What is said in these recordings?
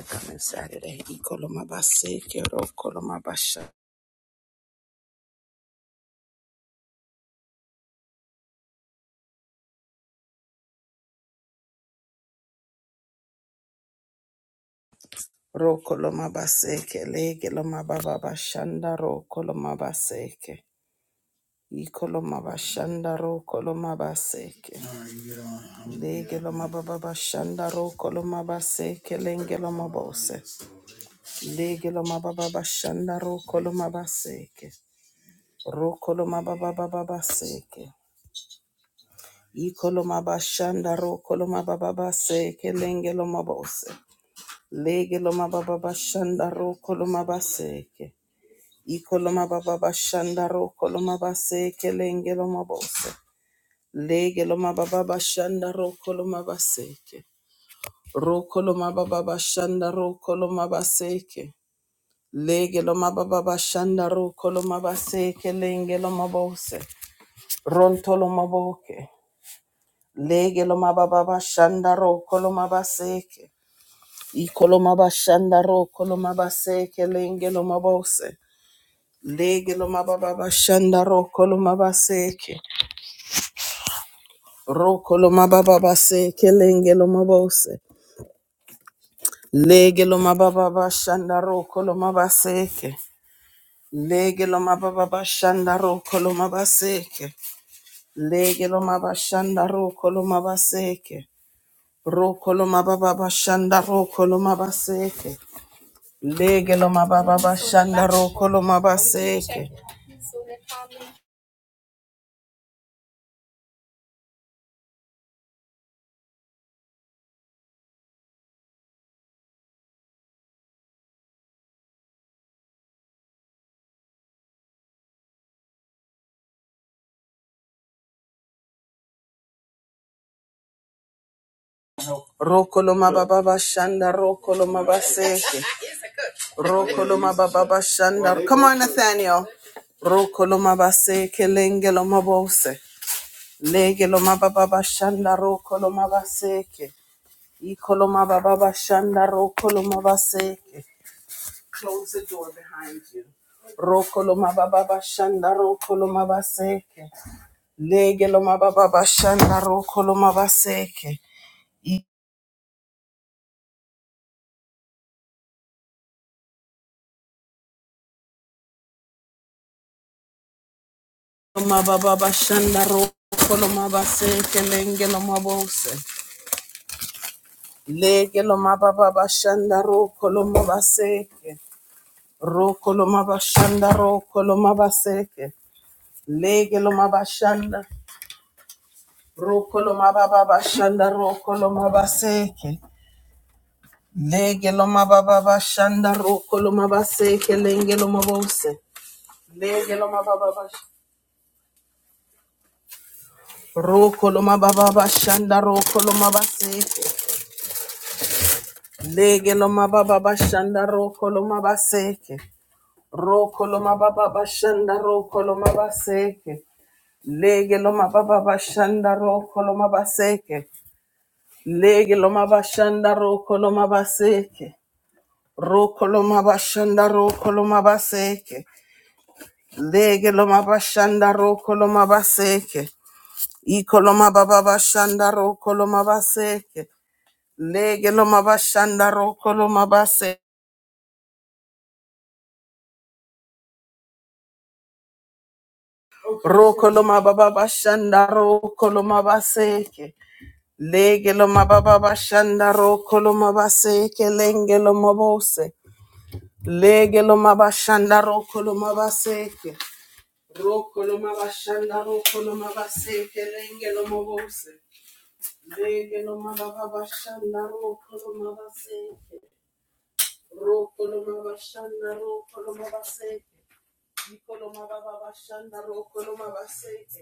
Coming Saturday. Ikolomabaseke, rokolomabasha. Rokolomabaseke, legelomabababashanda, rokolomabaseke. Ikolomabashanda, rokolomabaseke. Legelomabababashanda, rokolomabaseke, lengelomabose. Legelomabababashanda, rokolomabaseke. Rokolomababababaseke. Ikolomabashanda, rokolomabababaseke, lengelomabose. Lege loma baba bashanda roko loma baseke. Iko loma baba bashanda roko loma baseke lenge loma bose. Lege loma baba bashanda roko loma baseke. Roko loma baba bashanda roko loma baseke. Lege loma baba bashanda roko loma baseke lenge loma bose. Ronto loma boke. Lege loma baba bashanda roko loma baseke. Ikolomabashandaro, Kolomabase, Kelenge Lomabose, Lege Lomababashandaro, Kolomabaseke, Rokolomababase, Kelenge Lomabose, Lege Lomababashandaro, Kolomabaseke, Lege Lomababashandaro, Kolomabaseke, Lege Lomabashandaro, Kolomabaseke, Rokolomababashandaro, Kolomabaseke, Lege Lomababashandaro, Kolomabaseke, Rokoloma baba shanda rokoloma baseke. Rokoloma baba shanda. Come on, Nathaniel. Rokoloma baseke lengeloma bose. Legeloma baba shanda rokoloma baseke. Ikoloma baba shanda rokoloma baseke. Close the door behind you. Rokoloma baba shanda rokoloma baseke. Legeloma baba shanda rokoloma baseke. Mababa shanda roko lo mabase kelenge lo mabose. Lege lo mababa shanda roko lo mabase ke. Roko lo mabashanda roko lo mabase Lege lo mabashanda roko lo mababa shanda roko lo mabase Lege lo mababa shanda roko lo mabase kelenge lo mabose. Lege lo mababa roko lo mababa shanda roko lo mabase Lege lo mababa bashanda roko lo mabaseke. Roko lo mababa bashanda roko lo mabaseke. Lege lo mababa bashanda roko lo mabaseke. Lege lo mabashanda roko lo mabaseke. Roko lo mabashanda roko lo mabaseke. Lege lo mabashanda roko lo mabaseke. Iko lo mababa bashanda roko lo mabaseke. Lege lo mabashanda roko lo mabaseke. Rokoloma baba bashanda rokoloma baseke. Legeloma baba bashanda rokoloma baseke lengeloma bose. Legeloma bashanda rokoloma baseke. Rokoloma bashanda rokoloma baseke lengeloma bose. Legeloma baba bashanda rokoloma baseke. Rokoloma bashanda rokoloma baseke. Nikoloma baba bashanda rokoloma baseke.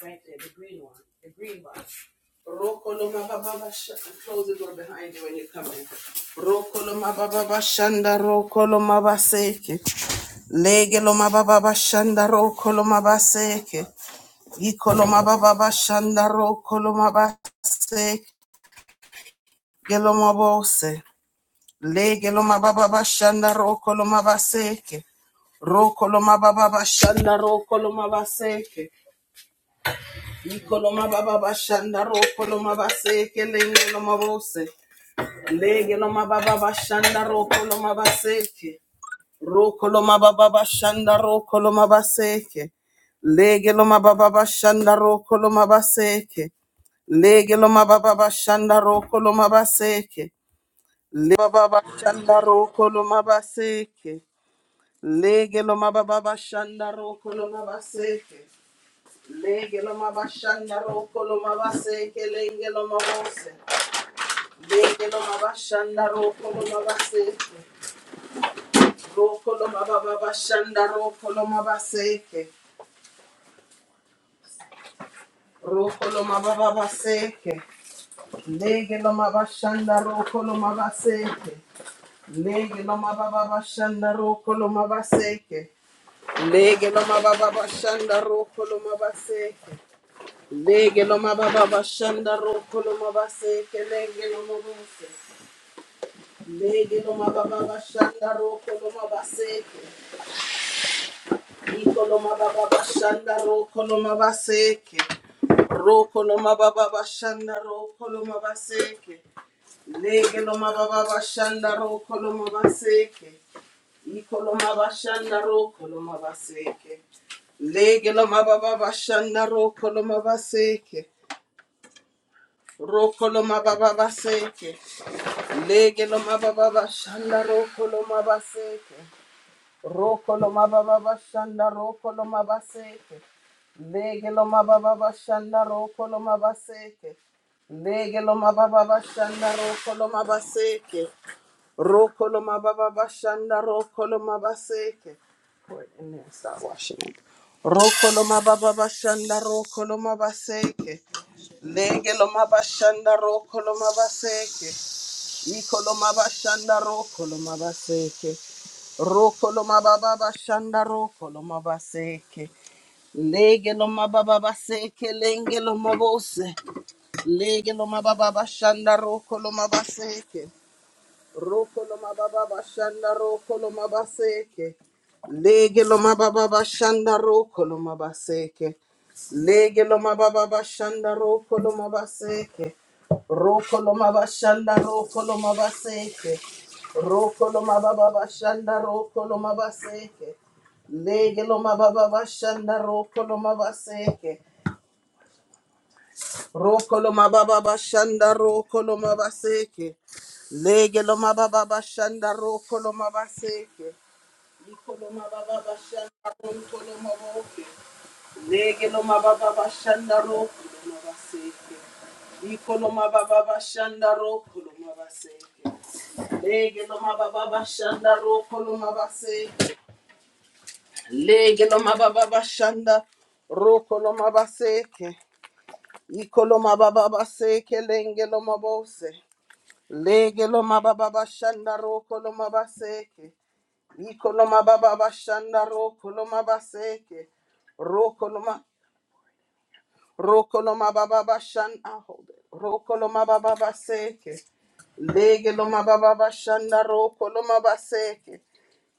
Right there, the green one, the green one. Rokoloma baba Shanda. close the door behind you when you come in. Rokoloma baba bashanda rokoloma baseke. Legeloma baba bashanda rokoloma baseke. Ikoloma baba bashanda rokoloma baseke. Geloma bose. Legeloma baba bashanda rokoloma baseke. Rokoloma baba bashanda rokoloma baseke. Ikoloma baba bashanda ro koloma baseke lenge loma bose lege loma baba bashanda ro koloma baseke ro koloma baba bashanda ro koloma baseke lege loma baba bashanda ro koloma baseke lege loma baba bashanda ro koloma baseke le baba bashanda ro koloma baseke lege loma baba bashanda ro koloma baseke Lege lo mabashanda roko lo mabaseke lenge lo mabose. Lege lo mabashanda roko lo mabaseke. Roko lo mabababashanda roko lo mabaseke. Roko lo mabababaseke. Lege lo mabashanda roko lo mabaseke. Lege lo mabababashanda roko lo mabaseke. Lege lo mabababashanda roko lo mabaseke. Lege lo mababa bashanda roko lo mabaseke lege lo mabuse. Lege lo mababa bashanda roko lo mabaseke. Iko lo mababa bashanda roko lo mabaseke. Roko lo mababa bashanda roko lo mabaseke. Lege lo mababa bashanda roko lo mabaseke. Iko lo mabashanda roko lo mabaseke. Lege lo mababa bashanda roko lo baseke. Lege lo mababa bashanda roko lo Rokolo mababa bashanda rokolo mabaseke. Legelo mababa bashanda rokolo mabaseke. Legelo mababa bashanda rokolo mabaseke. Rokolo mababa bashanda rokolo mabaseke. Pour it in there. Start washing it. Rokolo mababa bashanda rokolo mabaseke. Legelo mabashanda rokolo mabaseke. Ikolomaba shanda rokolomaba seke. Rokolomababa shanda rokolomaba seke. Lege lomababa seke lenge lomabose. Lege lomababa shanda rokolomaba seke. Rokolo mababa bashanda rokolo mabaseke. Lege lo mababa bashanda rokolo mabaseke. Lege lo mababa bashanda rokolo mabaseke. Rokolo mabashanda rokolo mabaseke. Rokolo mababa bashanda rokolo mabaseke. Lege lo mababa bashanda rokolo mabaseke. Rokolo mababa bashanda rokolo mabaseke. Lege lo mababa bashanda rokolo mabaseke. Ikolo mababa bashanda rokolo maboke. Lege lo mababa bashanda rokolo mabaseke. Ikolo mababa bashanda rokolo mabaseke. Lege lo mababa bashanda rokolo mabaseke. Lege lo mababa bashanda rokolo mabaseke. Ikoloma baba base kelenge loma bose. Lege loma baba bashanda ro koloma baseke. Ikoloma baba bashanda ro koloma baseke. Ro koloma ro koloma baba bashanda hold it. Ro koloma baba baseke. Lege loma baba bashanda ro koloma baseke.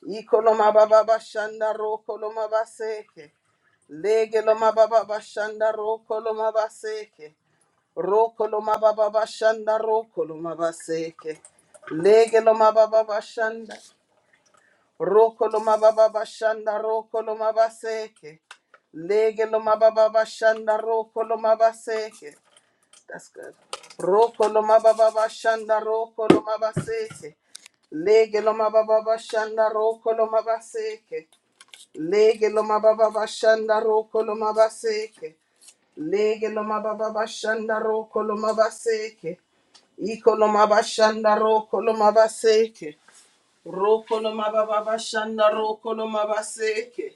Ikoloma baba bashanda ro koloma baseke. Lege loma baba bashanda ro koloma baseke. Rokolo mababa bashanda rokolo mabaseke. Legelo mababa bashanda rokolo mababa bashanda rokolo mabaseke. Legelo mababa bashanda rokolo mabaseke. That's good. Rokolo mababa bashanda rokolo mabaseke. Legelo mababa bashanda rokolo mabaseke. Legelo mababa bashanda rokolo mabaseke. Lege loma baba bashanda roko loma baseke. Iko loma bashanda roko loma baseke. Roko loma baba bashanda roko loma baseke.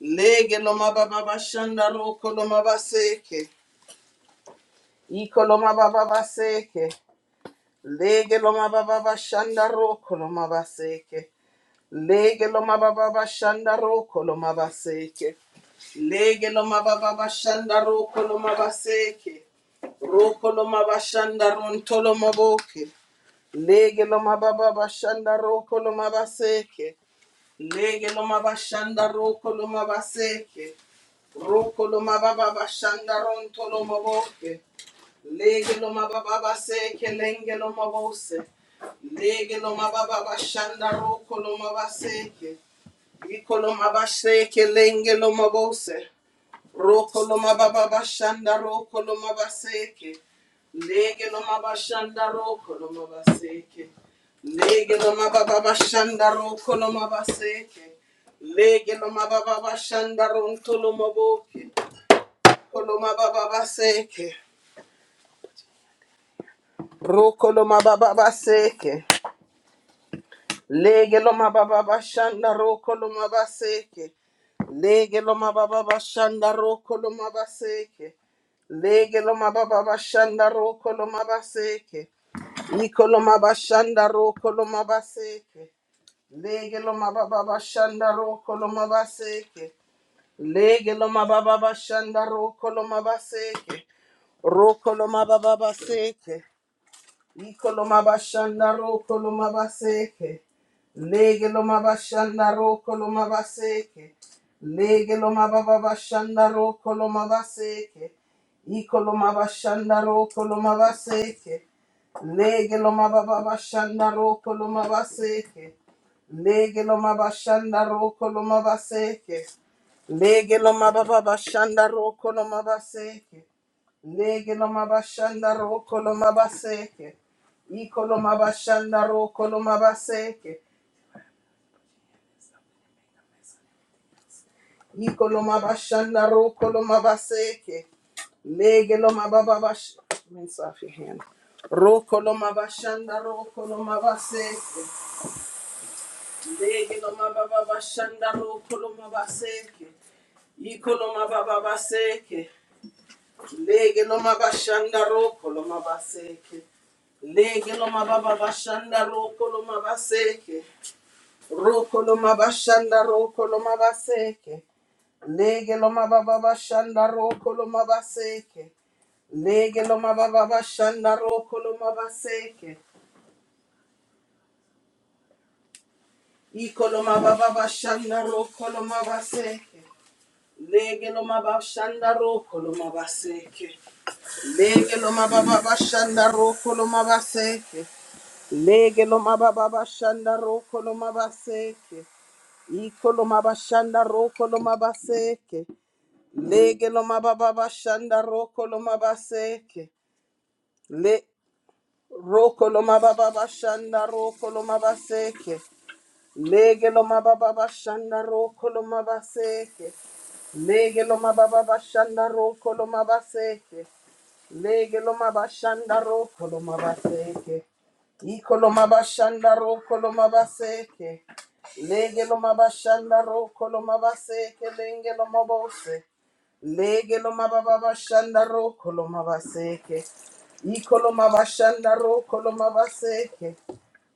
Lege loma baba bashanda roko loma baseke. Iko loma baba baseke. Lege loma baba bashanda roko loma baseke. Lege lo mababa bashanda roko lo mabaseke. Lege lo mababa bashanda roko lo mabaseke. Roko lo mabashanda ronto lo maboke. Lege lo mababa bashanda roko lo mabaseke. Lege lo mabashanda roko lo mabaseke. Roko lo mababa bashanda ronto lo maboke. Lege lo mababa baseke lenge lo mabose. Lege lo mababa bashanda roko lo mabaseke. Ikolomabashe kelenge lomabose. Rokolomababashanda rokolomabaseke. Lege lomabashanda rokolomabaseke. Lege lomababashanda rokolomabaseke. Lege lomababashanda rontolomaboke. Kolomababaseke. Rokolomababaseke. Lege lo mababa bashanda roko lo mabaseke. Lege lo mababa bashanda roko lo mabaseke. Lege lo mababa bashanda roko lo mabaseke. Iko lo mabashanda roko lo mabaseke. Lege lo mababa bashanda roko lo mabaseke. Lege lo mababa bashanda roko lo mabaseke. Roko lo mababa baseke. Ikolomabashanda roko lomabaseke. Lege lomabashanda roko lomabaseke. Lege lomababashanda roko lomabaseke. Ikolomabashanda roko lomabaseke. Lege lomababashanda roko lomabaseke. Lege lomabashanda roko lomabaseke. Lege lomababashanda roko lomabaseke. Lege lomabashanda roko lomabaseke. Ikolomabashanda ro kolomabaseke. Ikolomabashanda ro kolomabaseke. Legelomababash. Rinse off your hand. Rokolomabashanda ro kolomabaseke. Legelomababashanda ro kolomabaseke. Ikolomababaseke. Legelomabashanda ro kolomabaseke. Legelomababashanda ro kolomabaseke. Roko loma bashanda roko loma baseke. Lege loma baba bashanda roko loma baseke. Lege loma baba bashanda roko loma baseke. Iko loma baba bashanda roko loma baseke. Lege loma bashanda roko loma baseke. Lege loma baba bashanda roko loma baseke. Lege loma baba bashanda rokoloma loma baseke. Ikoloma loma bashanda rokoloma loma baseke. Lege lo mababa bashanda roko lo mabaseke. Le roko lo mababa bashanda roko lo mabaseke. Lege lo mababa bashanda roko lo mabaseke. Lege lo mababa bashanda roko lo mabaseke. Lege lo mabashanda ro kolo mabaseke. Iko lo mabashanda ro kolo mabaseke. Lege lo mabashanda ro kolo mabaseke lenge lo mabose. Lege lo mababashanda ro kolo mabaseke. Iko lo mabashanda ro kolo mabaseke.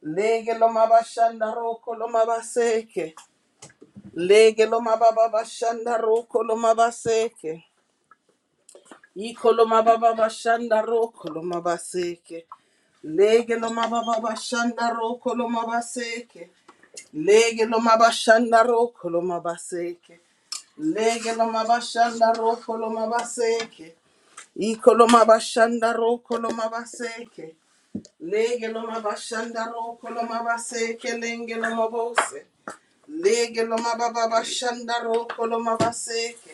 Lege lo mabashanda ro kolo mabaseke. Lege lo mababashanda ro kolo mabaseke. Ikoloma baba bashanda ro koloma baseke. Lege loma baba bashanda ro koloma baseke. Lege loma bashanda ro koloma baseke. Lege loma bashanda ro koloma baseke. Ikoloma bashanda ro koloma baseke. Lege loma bashanda ro koloma baseke lenge loma bose. Lege loma baba bashanda ro koloma baseke.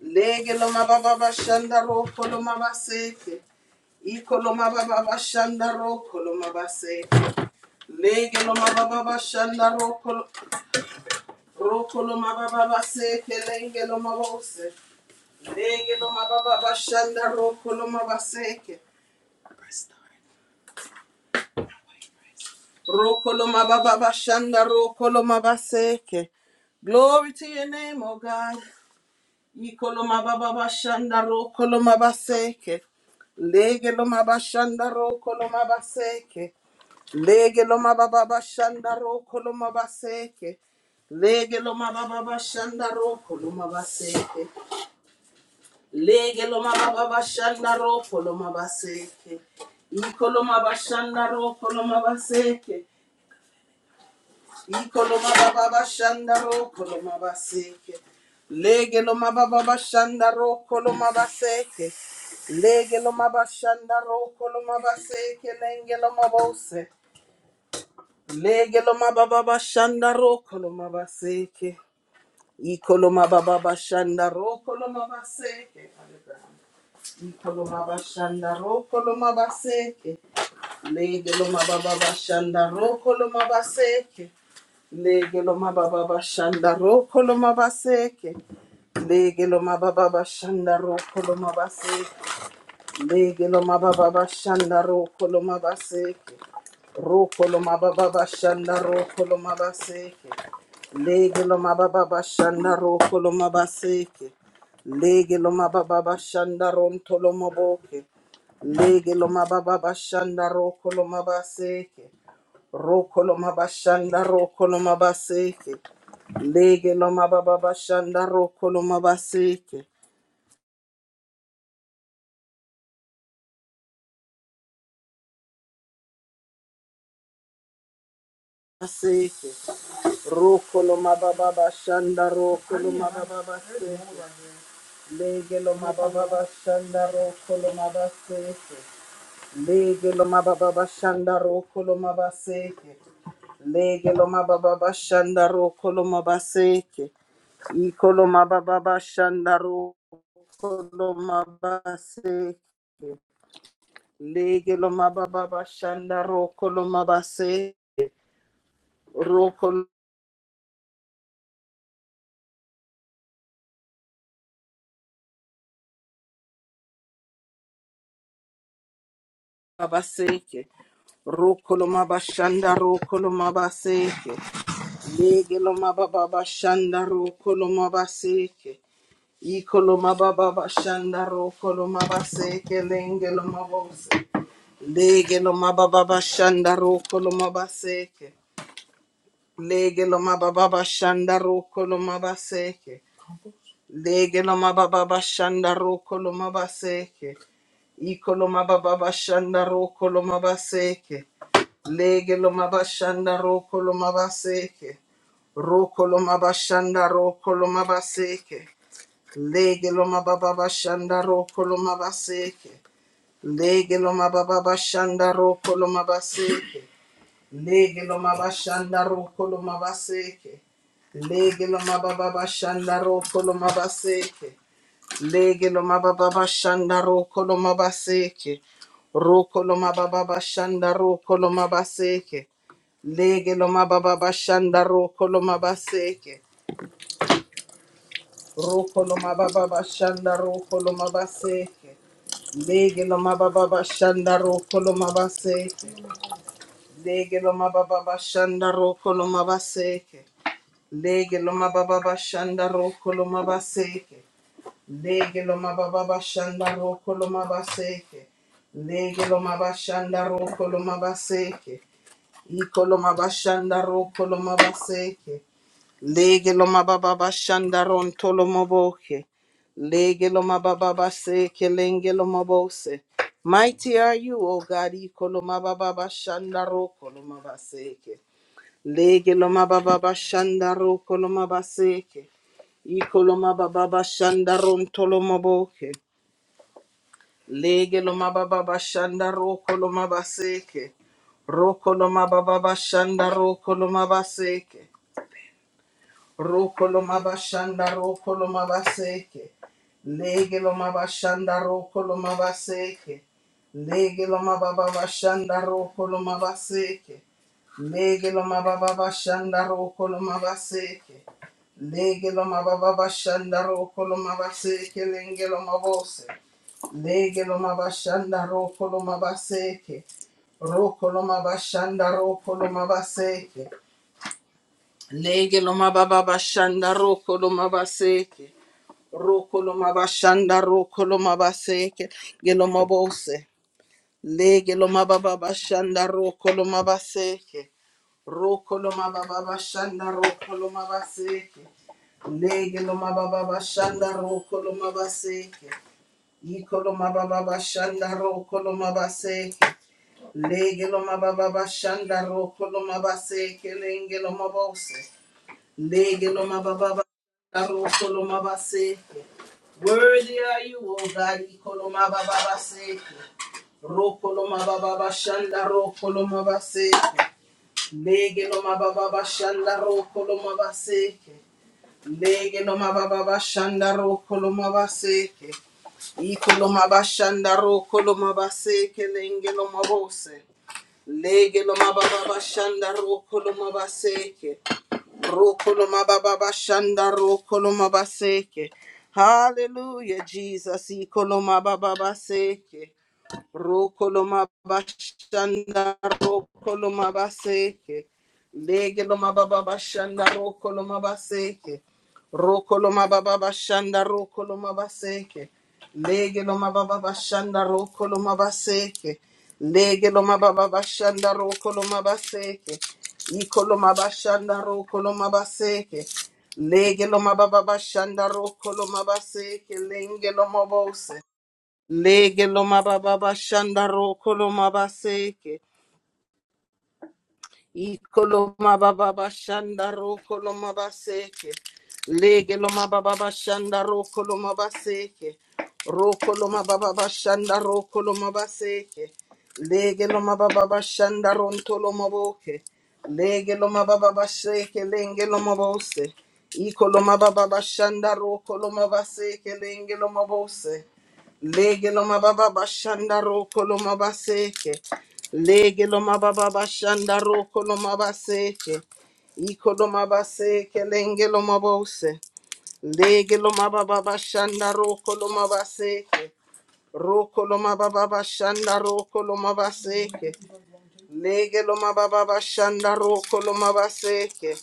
Lege lo mababa bashanda roko lo mabaseke. Iko lo mababa bashanda roko lo mabaseke. Lege lo mababa bashanda roko lo- roko lo mababa baseke lenge lo mabose. Lege lo mababa bashanda roko lo mabaseke. Roko lo mababa bashanda roko lo mabaseke. Glory to your name, O God. Ikoloma baba bashanda ro koloma baseke. Lege loma bashanda ro koloma baseke. Lege loma baba bashanda ro koloma baseke. Lege loma baba bashanda ro koloma baseke. Lege loma baba bashanda ro koloma baseke. Ikoloma bashanda ro koloma baseke. Ikoloma Ikolomababa Shandaro Kolomabaseke. Lege Lomababa Shandaro Kolomabaseke. Lege Lomaba Shandaro Kolomabaseke. Lenge Lomabose. Lege Lomababa Shandaro Kolomabaseke. Ikolomababa Shandaro Kolomabaseke. Ikolomaba Shandaro Kolomabaseke. Lege Lomababa Shandaro Kolomabaseke. Lege lo mababa bashanda roko lo mabaseke. Lege lo mababa bashanda roko lo mabaseke. Lege lo mababa bashanda roko lo mabaseke. Roko lo mababa bashanda roko lo mabaseke. Lege lo mababa bashanda roko lo mabaseke. Lege lo mababa bashanda ronto lo maboke. Lege lo mababa bashanda roko lo mabaseke. Rokoloma bashanda rokoloma baseke. Lege loma baba bashanda rokoloma baseke. Baseke. Rokoloma baba bashanda rokoloma baba baseke. Lege loma baba bashanda rokoloma baseke. Lege loma baba bashanda rokoloma baseke. Lege loma baba bashanda rokoloma baseke. Ikoloma baba shandaro koloma base lege loma baba shandaro koloma base roko baseke roko loma bashandaro koloma baseke lege loma baba shandaro koloma baseke Ikoloma baba shandaro koloma baseke lenge loma bose lege loma baba shandaro koloma baseke Lege lo mababa shanda roko lo mabaseke. Lege lo mababa shanda roko lo mabaseke. Iko lo mababa shanda roko lo mabaseke. Lege lo mabashanda roko lo mabaseke. Roko lo mabashanda roko lo mabaseke. Lege lo mababa shanda roko lo mabaseke. Lege lo mababa shanda roko lo mabaseke. Lege lo mabashanda roko lo mabaseke. Lege lo mabababashanda roko lo mabaseke. Lege lo mabababashanda roko lo mabaseke. Roko lo mabababashanda roko lo mabaseke. Lege lo mabababashanda roko lo mabaseke. Roko lo mabababashanda roko lo mabaseke. Lege lo mabababashanda roko lo mabaseke. Lege lo mababa bashanda roko lo mabaseke. Lege lo mababa bashanda roko lo mabaseke. Lege lo mababa bashanda roko lo mabaseke. Lege lo mabashanda roko lo mabaseke. Iko lo mabashanda roko lo mabaseke. Lege loma baba bashandaron tolomoboke. Lege loma baba baseke lenge loma bose. Mighty are you, O God, ikoloma baba bashandaro koloma baseke. Lege loma baba bashandaro koloma baseke. Ikoloma baba bashandaron tolomoboke. Lege loma baba bashandaro koloma baseke. Roko loma baba bashandaro koloma baseke. Rokolomabashanda rokolomabaseke. Legelomabashanda rokolomabaseke. Legelomababashanda rokolomabaseke. Legelomababashanda rokolomabaseke. Legelomababashanda rokolomabaseke lengelomabose. Legelomabashanda rokolomabaseke. Rokolomabashanda rokolomabaseke. Lege loma baba bashanda roko loma baseke. Roko loma bashanda roko loma baseke. Geloma bose. Lege loma baba bashanda roko loma baseke. Roko loma baba bashanda roko loma baseke. Lege loma baba bashanda roko loma baseke. Iko loma baba bashanda roko loma baseke. Lege loma baba bashanda roko loma baseke. Lenge loma bose. Lege loma baba baroko loma base. Worthy are you, O God, Ikoloma Baba Roko Rokoloma Baba Shanda Rokoloma Baseke. Legeloma Baba Shanda Rokoloma Baseke. Legeloma Baba Shanda Rokoloma Baseke. Ikoloma Bashanda Rokoloma Baseke Lengeloma Bose. Legeloma Baba Shanda Rokoloma Baseke. Rokoloma baba shanda rokoloma baseke. Hallelujah, Jesus. Ikoloma baba baseke. Rokoloma bashanda rokoloma baseke. Legeloma baba bashanda rokoloma baseke. Rokoloma baba bashanda rokoloma baseke. Legeloma baba bashanda rokoloma baseke. Legeloma baba bashanda rokoloma baseke. Ikoloma bashanda rokoloma baseke. Legeloma baba bashanda rokoloma baseke. Lengeloma bose. Lege lo mababa shandaro kolo mabaseke. Ikoloma baba bashanda roko loma baseke. Lege loma baba bashanda roko loma baseke. Roko loma baba bashanda roko loma baseke. Lege loma baba bashanda ronto loma boke. Lege loma baba baseke lenge loma bose. Ikoloma baba bashanda roko loma baseke lenge loma bose. Lege loma baba bashanda roko loma baseke. Lege lo mababa bashanda roko lo mabaseke. Iko lo mabaseke lenge lo mabose. Lege lo mababa bashanda roko lo mabaseke. Roko lo mababa bashanda roko lo mabaseke. Lege loma baba bashanda roko loma baseke.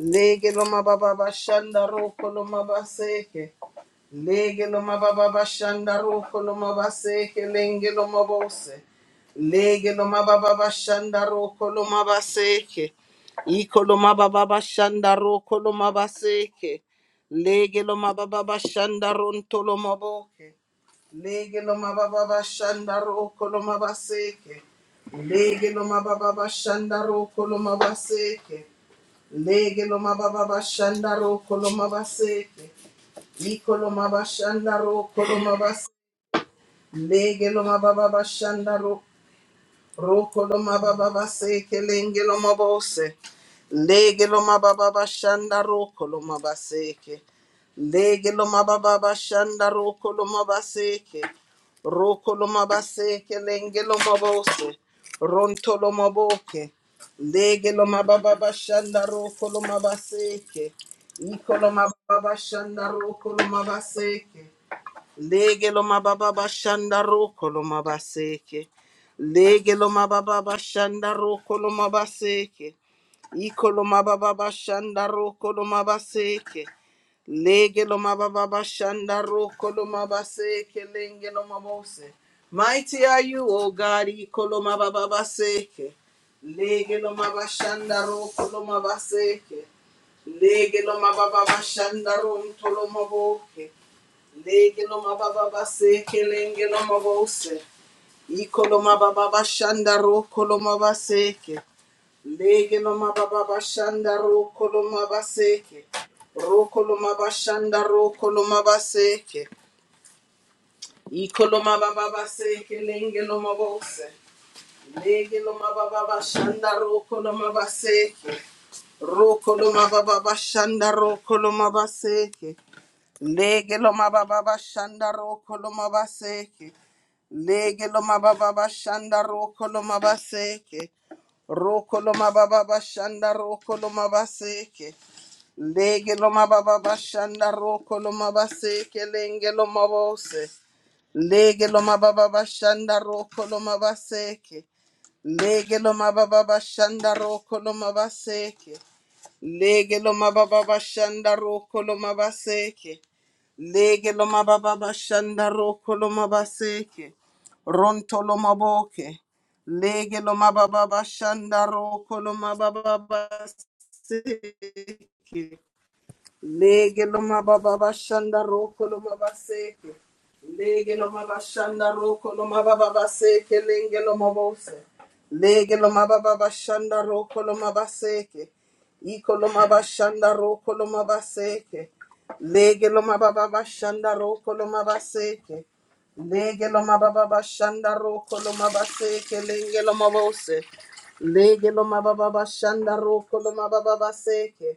Lege loma baba bashanda roko loma baseke. Lege loma baba bashanda roko loma baseke lenge loma bose. Lege loma baba bashanda roko loma baseke. Iko loma baba bashanda roko loma baseke. Lege loma baba bashanda ronto loma boke. Lege loma baba bashanda roko loma baseke. Lege lo mababa bashanda roko lo mabaseke. Lege lo mababa bashanda roko lo mabaseke. Iko lo mabashanda roko lo mabaseke. Lege lo mababa Rokoloma baba base kelenge loma bose. Lege loma baba bashanda rokoloma baseke. Lege loma baba bashanda rokoloma baseke. Rokoloma baseke lenge loma bose. Ronto loma boke. Lege loma baba bashanda rokoloma baseke. Ikoloma baba bashanda rokoloma baseke. Lege lo mababa bashanda roko lo mabaseke. Lege lo mababa bashanda roko lo mabaseke. Iko lo mababa bashanda roko lo mabaseke. Lege lo mababa bashanda roko lo mabaseke. Lenge lo mabose. Mighty are you, O God, iko lo mababa baseke. Lege lo mabashanda roko lo mabaseke. Lege lo mababa bashanda rom to lo maboke. Lege mababa base kelengelo mabose. Ikolo mababa bashanda ro kolo mabaseke. ro kolo mabaseke. Ro kolo mabashanda ro kolo mabaseke. ro kolo mabaseke. Lege lo mababa bashanda roko lo mabaseke. Lege lo mababa bashanda roko lo mabaseke. Roko lo mababa bashanda roko lo mabaseke. Lege lo mababa bashanda roko lo mabaseke lenge lo mabose. Lege lo mababa bashanda roko lo mabaseke. Lege lo mababa bashanda roko lo mabaseke. Lege lo mababa bashanda roko lo mabaseke. Lege lo mababa bashanda roko lo mabaseke. Ronto lo maboke. Lege lo mababa bashanda roko lo mababa baseke. Lege loma baba bashanda roko loma baseke. Lege loma bashanda roko loma baba baseke lenge loma bose. Lege loma baba bashanda roko loma baseke. Iko loma bashanda roko loma baseke. Lege loma baba bashanda roko loma baseke. Lege loma baba bashanda roko loma baseke lenge loma bose. Lege loma baba bashanda roko loma baba baseke.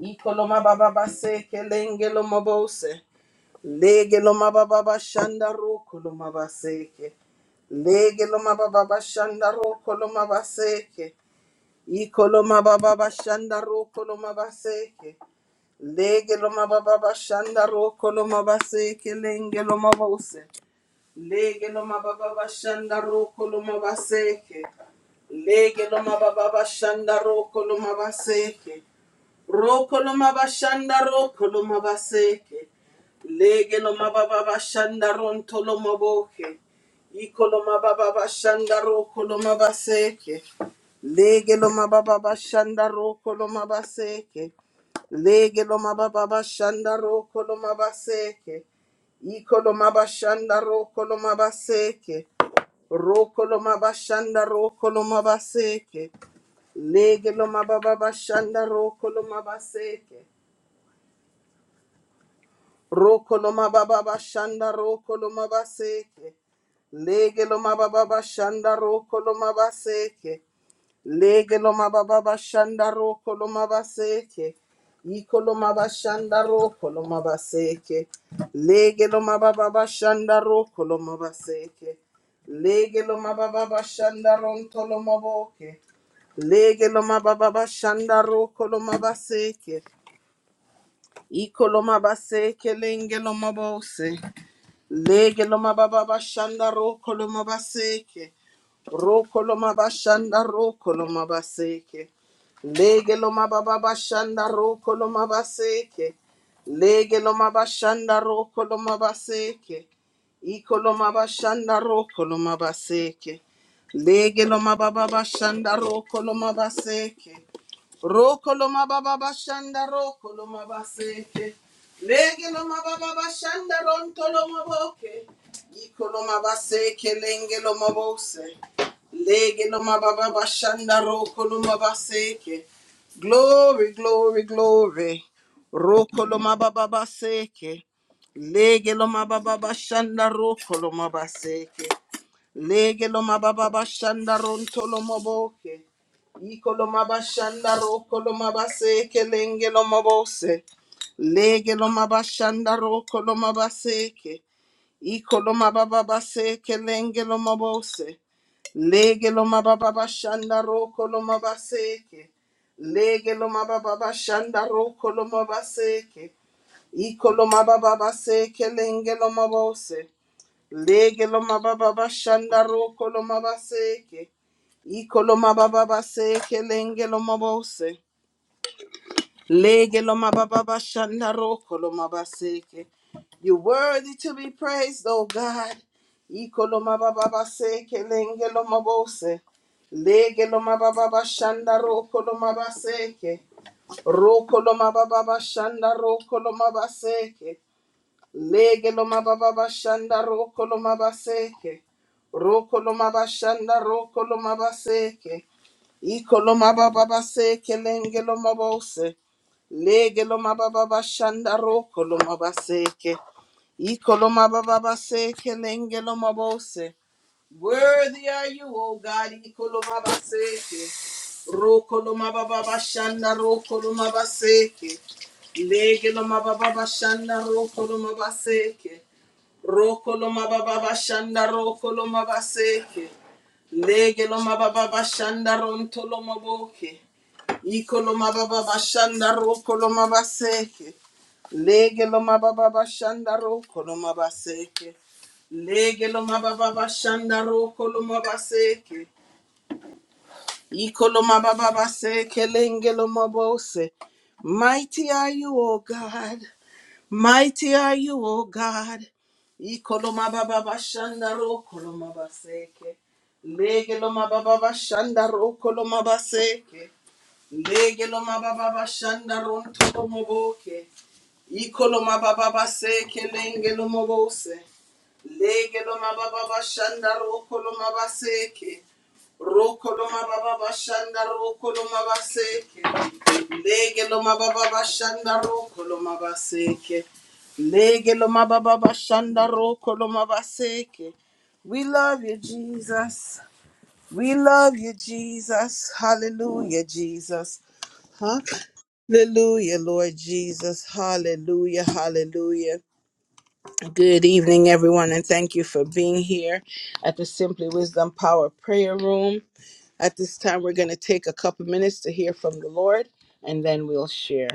Ikoloma baba base kelenge loma bose. Lege loma baba bashanda roko loma baseke. Lege loma baba bashanda roko loma baseke. Ikoloma baba bashanda roko loma baseke. Lege loma baba bashanda roko loma baseke lenge loma bose. Lege loma baba bashanda roko loma baseke. Lege loma baba bashanda roko loma baseke. Rokoloma bashanda rokoloma baseke. Lege loma baba bashanda rontoloma boke. Ikoloma baba bashanda rokoloma baseke. Lege loma baba bashanda rokoloma baseke. Lege loma baba bashanda rokoloma baseke. Ikoloma bashanda rokoloma baseke. Rokoloma bashanda rokoloma baseke. Lege lo mababa bashanda roko lo mabaseke. Roko lo mababa bashanda roko lo mabaseke. Lege lo mababa bashanda roko lo mabaseke. Lege lo mababa bashanda roko lo mabaseke. Iko lo mabashanda roko lo mabaseke. Lege lo mababa bashanda roko lo mabaseke. Lege lo mababa bashanda ronto lo maboke. Lege lo mababa bashanda roko lo mabaseke. Iko lo mabaseke lenge lo mabose. Lege loma baba bashanda roko loma baseke. Roko loma bashanda roko loma baseke. Lege loma baba bashanda roko loma baseke. Lege loma bashanda roko loma baseke. Iko loma bashanda roko loma baseke. Lege loma baba bashanda roko loma baseke. Roko loma baba bashanda roko loma baseke. Legeloma baba bashanda rontoloma boke. Ikoloma base kelengeloma bose. Legeloma baba bashanda rokoloma baseke. Glory, glory, glory. Rokoloma baba baseke. Legeloma baba bashanda rokoloma baseke. Lege lo mababa bashanda ronto lo maboke. Iko lo mabashanda roko lo mabase kelenge lo mabose. Lege lo mabashanda roko lo mabaseke. Iko lo mababa base kelenge lo mabose. Lege lo mababa bashanda roko lo mabaseke. Lege lo mababa bashanda roko lo mabaseke. Iko lo mababa base kelenge lo mabose. Lege lo mababa bashanda roko lo mabaseke. Iko lo mababa baseke lenge lo mabose. Lege lo mababa bashanda roko lo mabaseke. You're worthy to be praised, oh God. Iko lo mababa baseke lenge lo mabose. Lege lo mababa bashanda roko lo mabaseke. Roko lo mababa bashanda roko lo mabaseke. Lege lo mababa bashanda roko lo mabaseke. Roko lo mabashanda roko lo mabaseke. Iko lo mababa baseke lenge lo mabose. Lege lo mababa bashanda roko lo mabaseke. Iko lo mababa baseke lenge lo mabose. Worthy are you, O God. Ikolomabaseke. Rokolomabababashanda rokolomabaseke. Legelomabababashanda rokolomabaseke. Rokolomabababashanda rokolomabaseke. Legelomabababashanda rontolomaboke. Ikoloma baba bashanda ro koloma baseke. Lege loma baba bashanda ro koloma baseke. Lege loma baba bashanda ro koloma baseke. Ikoloma baba baseke lenge loma bose. Mighty are you, O God. Mighty are you, O God. Ikoloma baba bashanda ro koloma baseke. Lege loma baba bashanda ro koloma baseke. Legelo mababa shanda rontolo moboke. Ikolo mababa seke lengelo mobose. Legelo mababa shanda rokolo mabaseke. Rokolo mababa shanda rokolo mabaseke. Legelo mababa shanda rokolo mabaseke. Legelo mababa shanda rokolo mabaseke. We love you, Jesus. We love you, Jesus. Hallelujah, Jesus. Hallelujah, Lord Jesus. Hallelujah, hallelujah. Good evening, everyone, and thank you for being here at the Simply Wisdom Power Prayer Room. At this time, we're going to take a couple minutes to hear from the Lord, and then we'll share.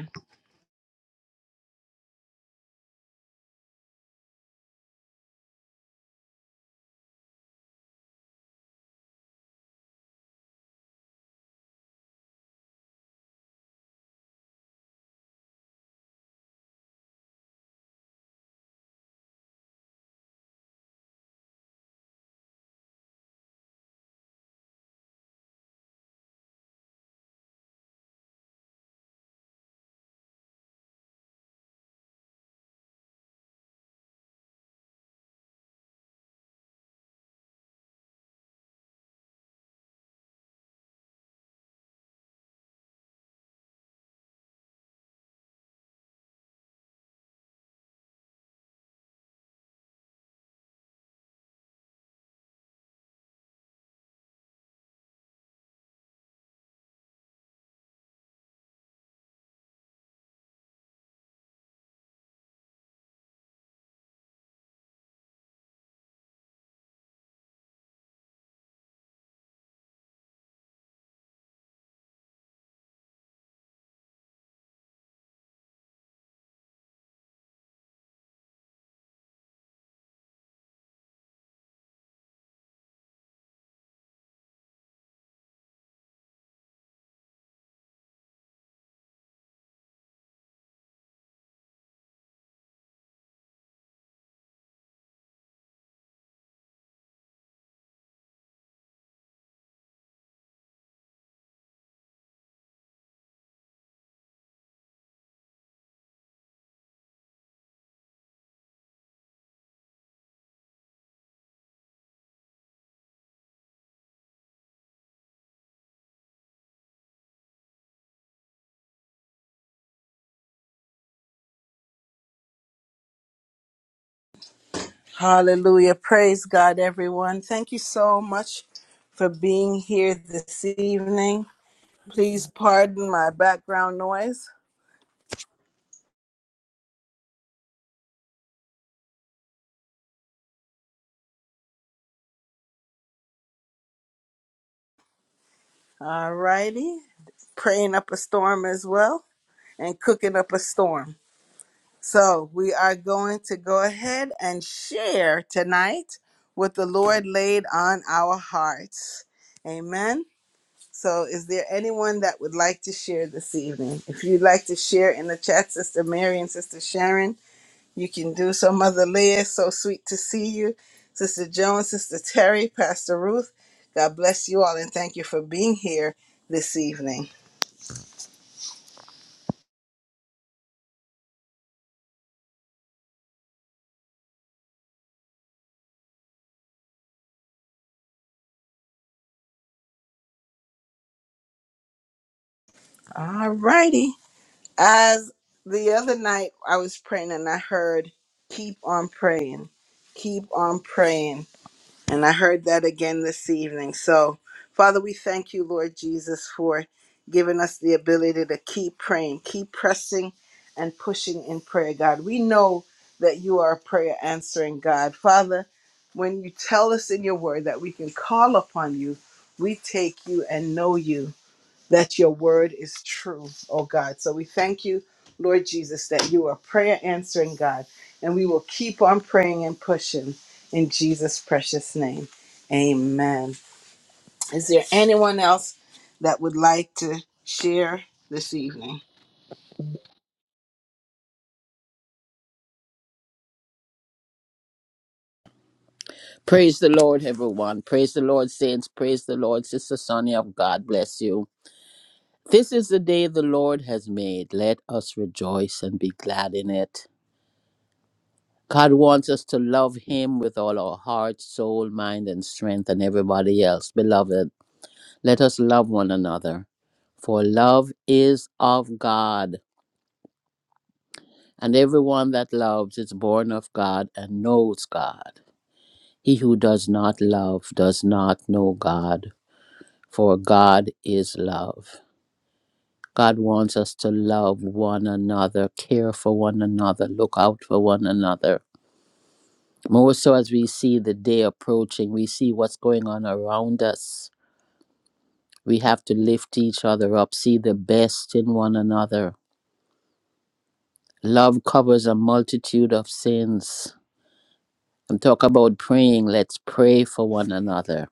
Hallelujah. Praise God, everyone. Thank you so much for being here this evening. Please pardon my background noise. All righty. Praying up a storm as well, and cooking up a storm. So we are going to go ahead and share tonight what the Lord laid on our hearts. Amen. So is there anyone that would like to share this evening? If you'd like to share in the chat, Sister Mary and Sister Sharon, you can do so. Mother Leah, so sweet to see you. Sister Jones, Sister Terry, Pastor Ruth, God bless you all and thank you for being here this evening. All righty. As the other night I was praying and I heard, keep on praying, keep on praying. And I heard that again this evening. So, Father, we thank you, Lord Jesus, for giving us the ability to keep praying, keep pressing and pushing in prayer, God. We know that you are a prayer answering God. Father, when you tell us in your word that we can call upon you, we take you and know you that your word is true, oh God. So we thank you, Lord Jesus, that you are prayer answering God, and we will keep on praying and pushing in Jesus' precious name. Amen. Is there anyone else that would like to share this evening? Praise the Lord, everyone. Praise the Lord, saints. Praise the Lord, Sister Sonia. God bless you. This is the day the Lord has made. Let us rejoice and be glad in it. God wants us to love Him with all our heart, soul, mind, and strength, and everybody else. Beloved, let us love one another, for love is of God, and everyone that loves is born of God and knows God. He who does not love does not know God for God is love. God wants us to love one another, care for one another, look out for one another. More so as we see the day approaching, we see what's going on around us. We have to lift each other up, see the best in one another. Love covers a multitude of sins. And talk about praying, let's pray for one another.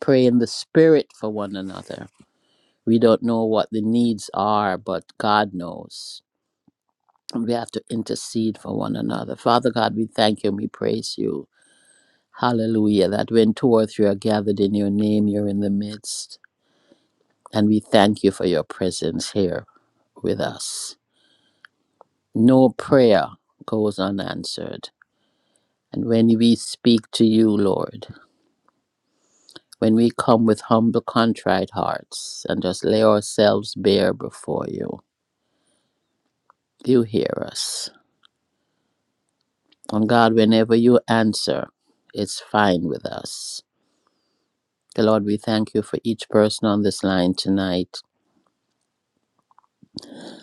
Pray in the spirit for one another. We don't know what the needs are, but God knows. we have to intercede for one another. Father God, we thank you and we praise you. Hallelujah. That when two or three are gathered in your name, you're in the midst. And we thank you for your presence here with us. No prayer goes unanswered. And when we speak to you, Lord, when we come with humble, contrite hearts and just lay ourselves bare before you, you hear us. And God, whenever you answer, it's fine with us The Lord, we thank you for each person on this line tonight,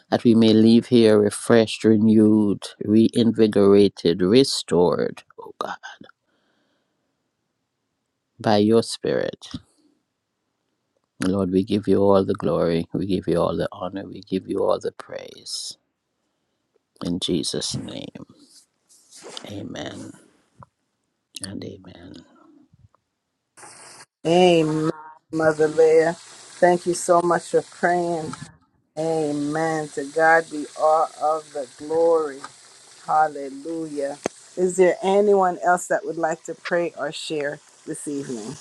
that we may leave here refreshed, renewed, reinvigorated, restored, oh God, by your Spirit. Lord, we give you all the glory, we give you all the honor, we give you all the praise. In Jesus' name, amen and amen. Amen, Mother Leah. Thank you so much for praying. Amen. To God be all of the glory. Hallelujah. Is there anyone else that would like to pray or share this evening?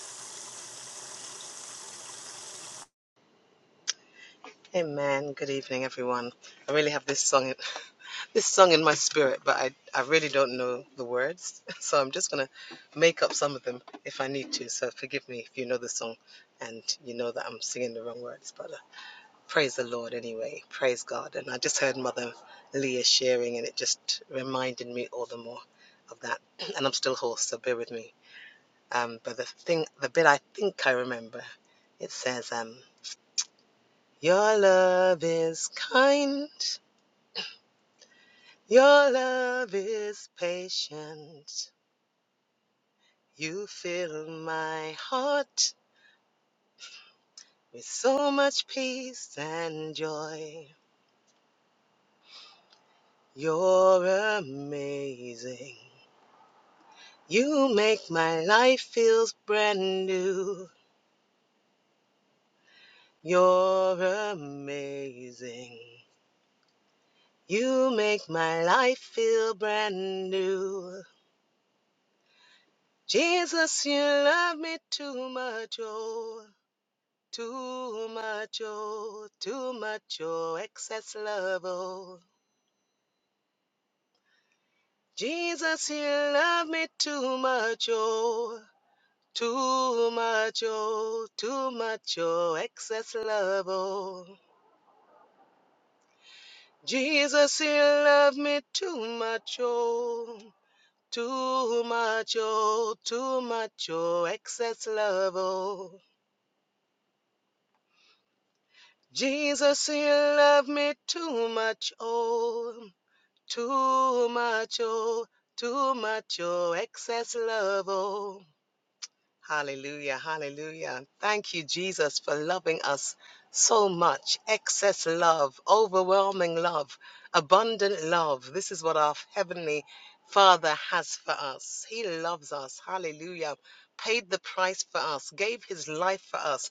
Amen. Good evening, everyone. I really have this song, in, this song in my spirit, but I, I really don't know the words, so I'm just gonna make up some of them if I need to. So forgive me if you know the song, and you know that I'm singing the wrong words. But uh, praise the Lord anyway. Praise God. And I just heard Mother Leah sharing, and it just reminded me all the more of that. And I'm still hoarse, so bear with me. Um, but the thing, the bit I think I remember, it says, um. Your love is kind. Your love is patient. You fill my heart with so much peace and joy. You're amazing. You make my life feel brand new. You're amazing. You make my life feel brand new. Jesus, you love me too much, oh. Too much, oh, too much, oh, excess love, oh. Jesus, you love me too much, oh. Too much, oh, too much, oh, excess love, oh. Jesus, you love me too much, oh. Too much, oh, too much, oh, excess love, oh. Jesus, you love me too much, oh. Too much, oh, too much, oh, excess love, oh. Hallelujah, hallelujah. Thank you, Jesus, for loving us so much. Excess love, overwhelming love, abundant love. This is what our Heavenly Father has for us. He loves us. Hallelujah. Paid the price for us, gave His life for us,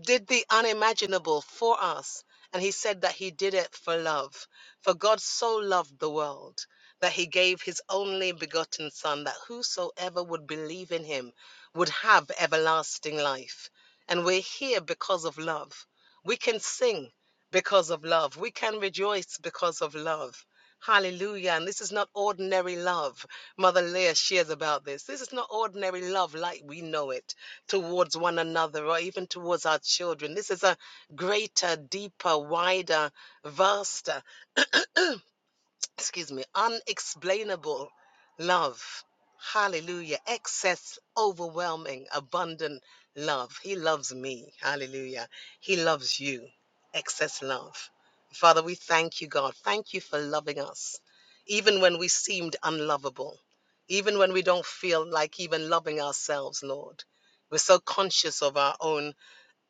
did the unimaginable for us. And He said that He did it for love. For God so loved the world that He gave His only begotten Son, that whosoever would believe in Him, would have everlasting life. And we're here because of love. We can sing because of love. We can rejoice because of love. Hallelujah. And this is not ordinary love. Mother Leah shares about this. This is not ordinary love like we know it towards one another or even towards our children. This is a greater, deeper, wider, vaster excuse me, unexplainable love. Hallelujah. Excess, overwhelming, abundant love. He loves me. Hallelujah. He loves you. Excess love. Father, we thank you, God. Thank you for loving us, even when we seemed unlovable, even when we don't feel like even loving ourselves, Lord. We're so conscious of our own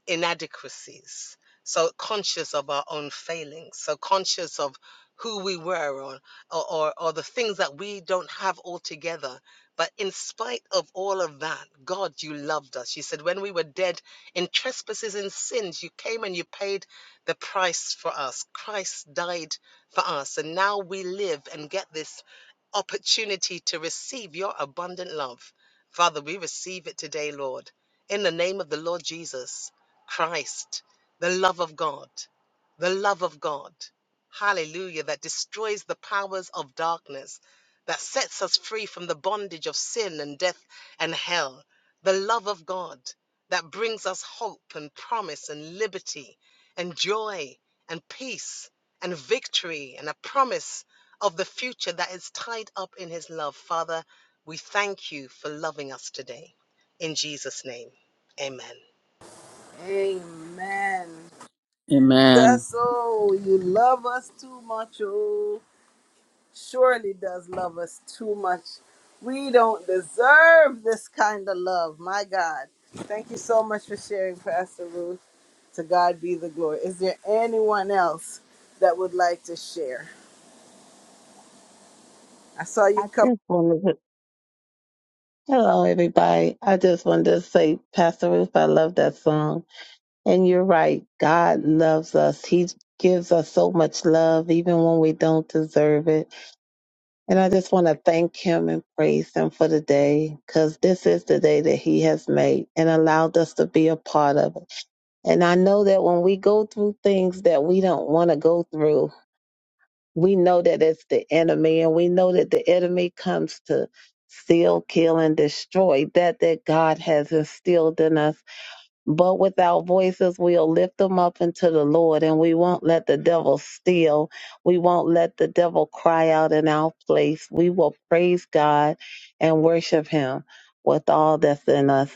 inadequacies. So conscious of our own failings. So conscious of who we were or, or, or the things that we don't have altogether. But in spite of all of that, God, you loved us. You said, when we were dead in trespasses and sins, you came and you paid the price for us. Christ died for us. And now we live and get this opportunity to receive your abundant love. Father, we receive it today, Lord, in the name of the Lord Jesus. Christ, the love of God, the love of God. Hallelujah. That destroys the powers of darkness, that sets us free from the bondage of sin and death and hell. The love of God that brings us hope and promise and liberty and joy and peace and victory and a promise of the future that is tied up in his love. Father, we thank you for loving us today. In Jesus' name, amen. Amen. Amen. That's oh, you love us too much. Oh, surely does love us too much. We don't deserve this kind of love. My God. Thank you so much for sharing, Pastor Ruth. To God be the glory. Is there anyone else that would like to share? I saw you I come. just wanted to, hello everybody. I just wanted to say, Pastor Ruth, I love that song. And you're right. God loves us. He gives us so much love, even when we don't deserve it. And I just want to thank him and praise him for the day, because this is the day that he has made and allowed us to be a part of it. And I know that when we go through things that we don't want to go through, we know that it's the enemy and we know that the enemy comes to steal kill and destroy that that god has instilled in us but with our voices we'll lift them up into the lord and we won't let the devil steal we won't let the devil cry out in our place we will praise god and worship him with all that's in us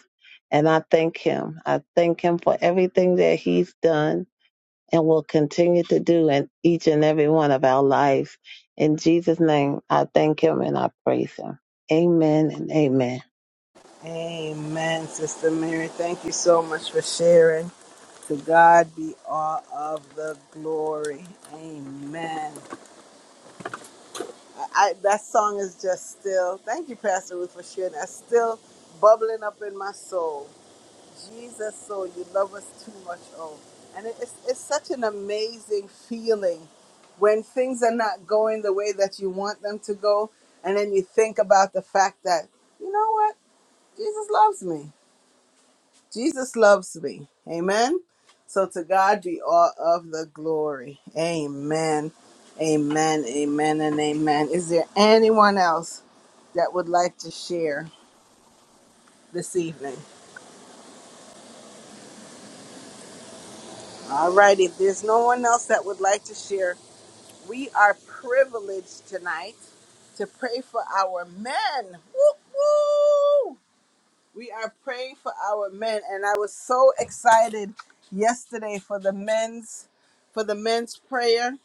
and i thank him i thank him for everything that he's done and will continue to do in each and every one of our lives. In Jesus' name, I thank him and I praise him. Amen and amen. Amen, Sister Mary. Thank you so much for sharing. To God be all of the glory. Amen. I, I, that song is just still, thank you, Pastor Ruth, for sharing. That's still bubbling up in my soul. Jesus, so you love us too much, oh. And it, it's, it's such an amazing feeling when things are not going the way that you want them to go. And then you think about the fact that, you know what? Jesus loves me Jesus loves me. Amen. So to God be all of the glory. Amen. Amen. Amen. And amen. Is there anyone else that would like to share this evening? All right. If there's no one else that would like to share, we are privileged tonight to pray for our men. Woo woo! We are praying for our men, and I was so excited yesterday for the men's for the men's prayer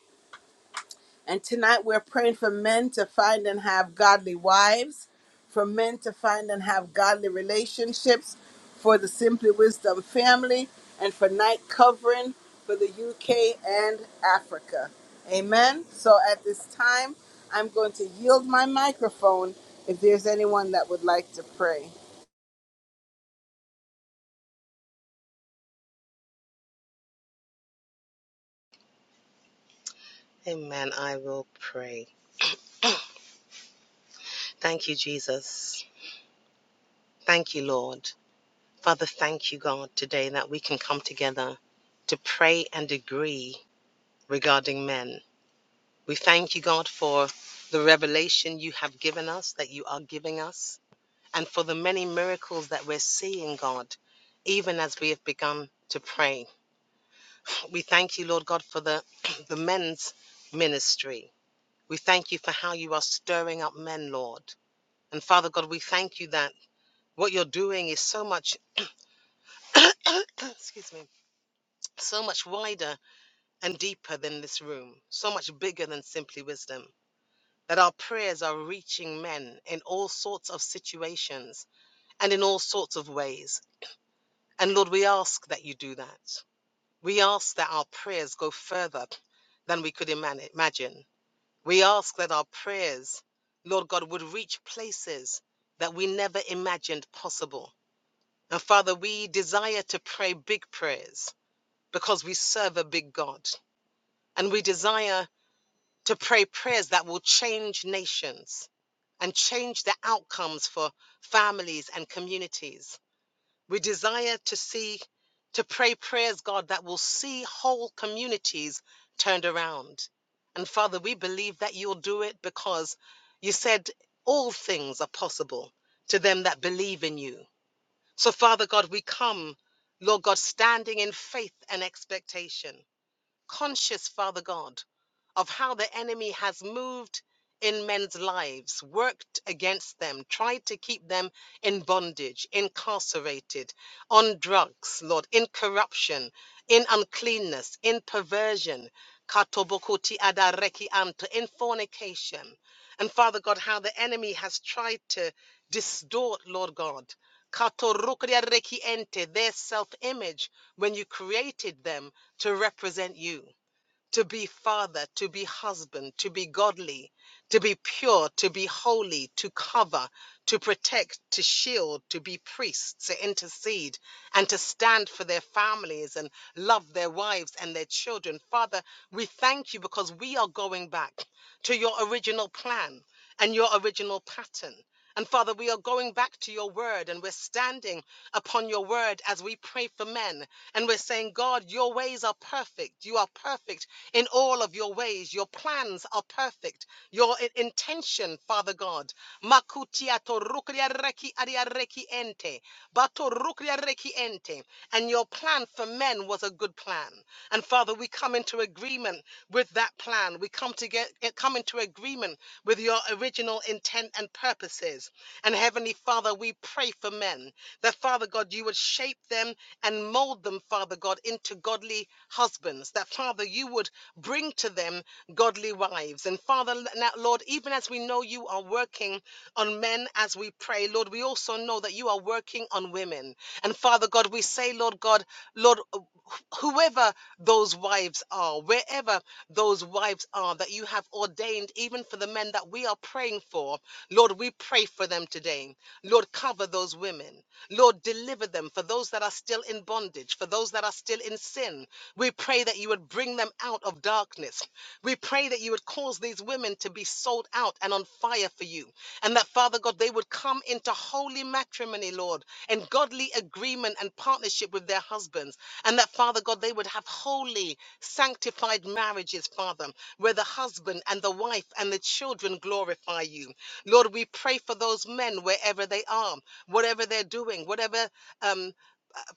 And tonight we're praying for men to find and have godly wives, for men to find and have godly relationships, for the Simply Wisdom family, and for night covering for the UK and Africa. Amen. So at this time, I'm going to yield my microphone if there's anyone that would like to pray. Amen. I will pray. Thank you, Jesus. Thank you, Lord. Father, thank you, God, today that we can come together to pray and agree regarding men. We thank you, God, for the revelation you have given us, that you are giving us, and for the many miracles that we're seeing, God, even as we have begun to pray. We thank you, Lord God, for the, the men's ministry. We thank you for how you are stirring up men, Lord. And Father God, we thank you that. what you're doing is so much excuse me so much wider and deeper than this room so much bigger than simply wisdom that our prayers are reaching men in all sorts of situations and in all sorts of ways and lord we ask that you do that we ask that our prayers go further than we could imani- imagine we ask that our prayers lord god would reach places that we never imagined possible and father we desire to pray big prayers because we serve a big God and we desire to pray prayers that will change nations and change the outcomes for families and communities. We desire to see, to pray prayers, God, that will see whole communities turned around. And Father, we believe that you'll do it because you said all things are possible to them that believe in you. So, Father God, we come, Lord God, standing in faith and expectation conscious, Father God, of how the enemy has moved in men's lives, worked against them, tried to keep them in bondage, incarcerated, on drugs, Lord, in corruption, in uncleanness, in perversion, katobokuti adareki anto, in fornication. And Father God, how the enemy has tried to distort, Lord God, katorukria reki ente, their self image when you created them to represent you to be father, to be husband, to be godly, to be pure, to be holy, to cover, to protect, to shield, to be priests, to intercede, and to stand for their families and love their wives and their children. Father, we thank you because we are going back to your original plan and your original pattern. And Father, we are going back to your word and we're standing upon your word as we pray for men. And we're saying, God, your ways are perfect. You are perfect in all of your ways. Your plans are perfect. Your i- intention, Father God. Makutia torukuria reki aria reki ente. Batorukria rekiente. And your plan for men was a good plan. And Father, we come into agreement with that plan. We come to get, eh, come into agreement with your original intent and purposes. And Heavenly Father, we pray for men that Father God, you would shape them and mold them, Father God, into godly husbands. That Father, you would bring to them godly wives. And Father, now, Lord, even as we know you are working on men as we pray, Lord, we also know that you are working on women. And Father God, we say, Lord God, Lord, uh, wh- whoever those wives are, wherever those wives are that you have ordained, even for the men that we are praying for, Lord, we pray for them today. Lord, cover those women. Lord, deliver them for those that are still in bondage bondage, for those that are still in sin. We pray that you would bring them out of darkness. We pray that you would cause these women to be sold out and on fire for you. And that, Father God, they would come into holy matrimony, Lord, and godly agreement and partnership with their husbands. And that, Father God, they would have holy, sanctified marriages, Father, where the husband and the wife and the children glorify you. Lord, we pray for those men wherever they are, whatever they're doing, whatever. Um,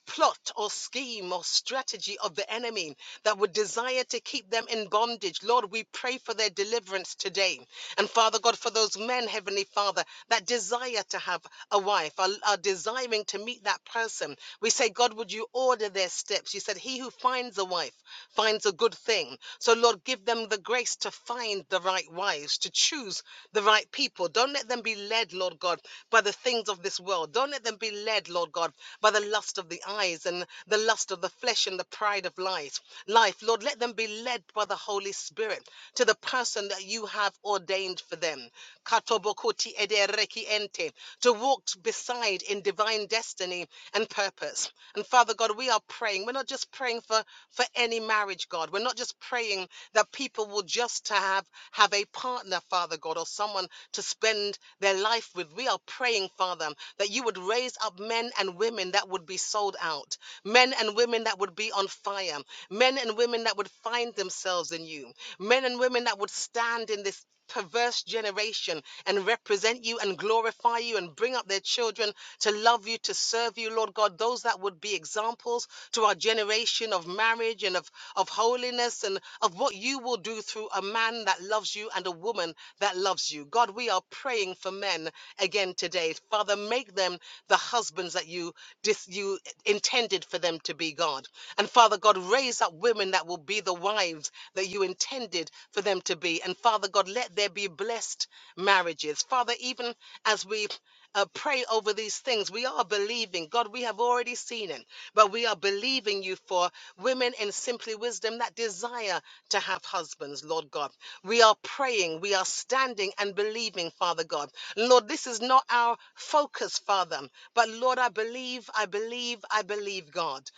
plot or scheme or strategy of the enemy that would desire to keep them in bondage. Lord, we pray for their deliverance today. And Father God, for those men, Heavenly Father, that desire to have a wife, are, are desiring to meet that person, we say, God, would you order their steps? You said, He who finds a wife finds a good thing. So, Lord, give them the grace to find the right wives, to choose the right people. Don't let them be led, Lord God, by the things of this world. Don't let them be led, Lord God, by the the lust of the eyes and the lust of the flesh and the pride of life. Life, Lord, let them be led by the Holy Spirit to the person that you have ordained for them. Katobokoti edereki ente, To walk beside in divine destiny and purpose. And Father God, we are praying. We're not just praying for for any marriage, God. We're not just praying that people will just to have have a partner, Father God, or someone to spend their life with. We are praying, Father, that you would raise up men and women that would be sold out, men and women that would be on fire, men and women that would find themselves in you, men and women that would stand in this perverse generation and represent you and glorify you and bring up their children to love you, to serve you, Lord God, those that would be examples to our generation of marriage and of, of holiness and of what you will do through a man that loves you and a woman that loves you. God, we are praying for men again today. Father, make them the the husbands that you dis- you intended for them to be, God. And Father God, raise up women that will be the wives that you intended for them to be. And Father God, let there be blessed marriages. Father, even as we uh, pray over these things. We are believing, God, we have already seen it, but we are believing you for women in simply wisdom that desire to have husbands, Lord God. We are praying, we are standing and believing, Father God. Lord, this is not our focus us, Father. But Lord, I believe, I believe, I believe, God.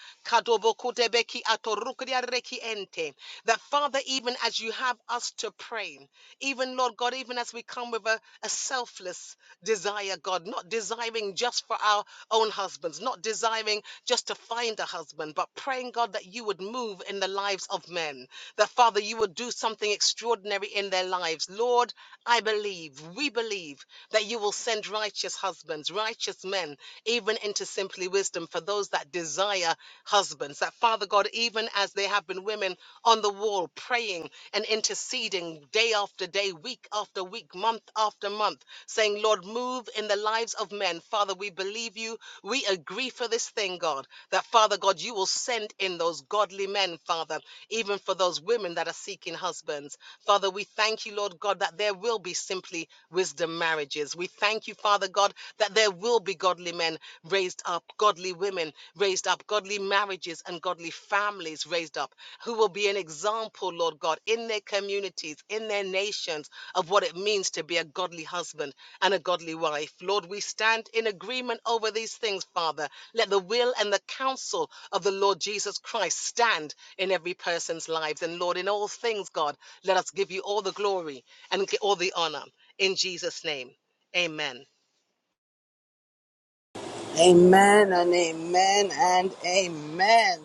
That Father, even as you have us to pray, even Lord God, even as we come with a, a selfless desire, God, not desiring just for our own husbands, not desiring just to find a husband, but praying, God, that you would move in the lives of men, that Father, you would do something extraordinary in their lives. Lord, I believe, we believe that you will send righteousness husbands, righteous men, even into simply wisdom for those that desire husbands. That Father God, even as there have been women on the wall praying and interceding day after day, week after week, month after month, saying, Lord, move in the lives of men. Father, we believe you. We agree for this thing, God, that Father God, you will send in those godly men, Father, even for those women that are seeking husbands. Father, we thank you, Lord God, that there will be simply wisdom marriages. We thank thank you, Father God, that there will be godly men raised up, godly women raised up, godly marriages and godly families raised up, who will be an example, Lord God, in their communities, in their nations, of what it means to be a godly husband and a godly wife. Lord, we stand in agreement over these things, Father. Let the will and the counsel of the Lord Jesus Christ stand in every person's lives. And Lord, in all things, God, let us give you all the glory and all the honor in Jesus' name. Amen. Amen and amen and amen.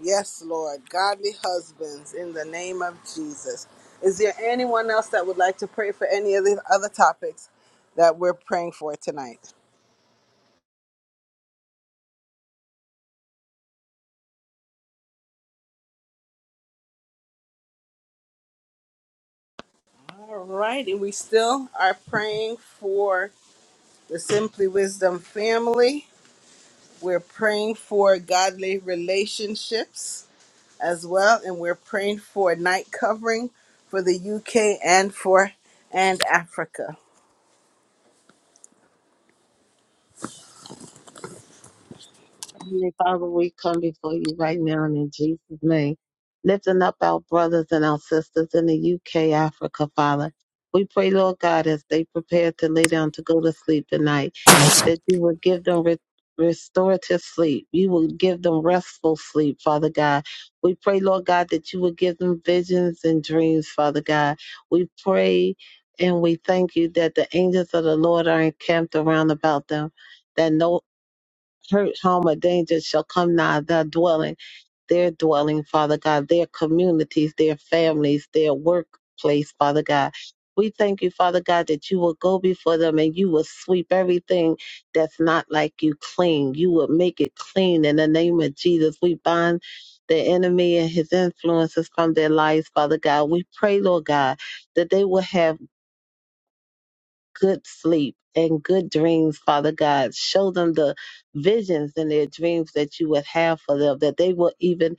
Yes, Lord. Godly husbands in the name of Jesus. Is there anyone else that would like to pray for any of the other topics that we're praying for tonight? All right. And we still are praying for the Simply Wisdom family. We're praying for godly relationships as well. And we're praying for night covering for the UK and for and Africa. Heavenly Father, we come before you right now and in Jesus' name, lifting up our brothers and our sisters in the UK, Africa, Father. We pray, Lord God, as they prepare to lay down to go to sleep tonight. that you would give them re- restorative sleep. You would give them restful sleep, Father God. We pray, Lord God, that you would give them visions and dreams, Father God. We pray and we thank you that the angels of the Lord are encamped around about them, that no hurt, harm, or danger shall come nigh their dwelling their dwelling, Father God, their communities, their families, their workplace, Father God. We thank you, Father God, that you will go before them and you will sweep everything that's not like you clean. You will make it clean in the name of Jesus. We bind the enemy and his influences from their lives, Father God. We pray, Lord God, that they will have good sleep and good dreams, Father God. Show them the visions and their dreams that you would have for them, that they will even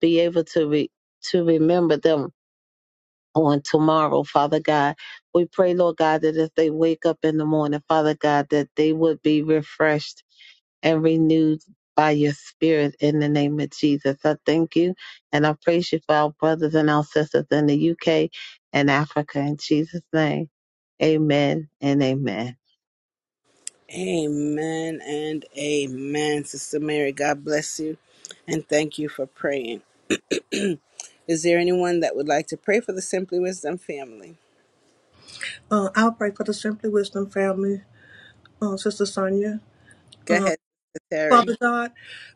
be able to re- to remember them on tomorrow, Father God. We pray, Lord God, that as they wake up in the morning, Father God, that they would be refreshed and renewed by your spirit in the name of Jesus. I thank you and I praise you for our brothers and our sisters in the UK and Africa in Jesus' name. Amen and amen. Amen and amen. Sister Mary, God bless you and thank you for praying. Is there anyone that would like to pray for the Simply Wisdom family? uh, outbreak of the Simply Wisdom family, uh, Sister Sonia. Go Uh, ahead, Sister Terry. Father God,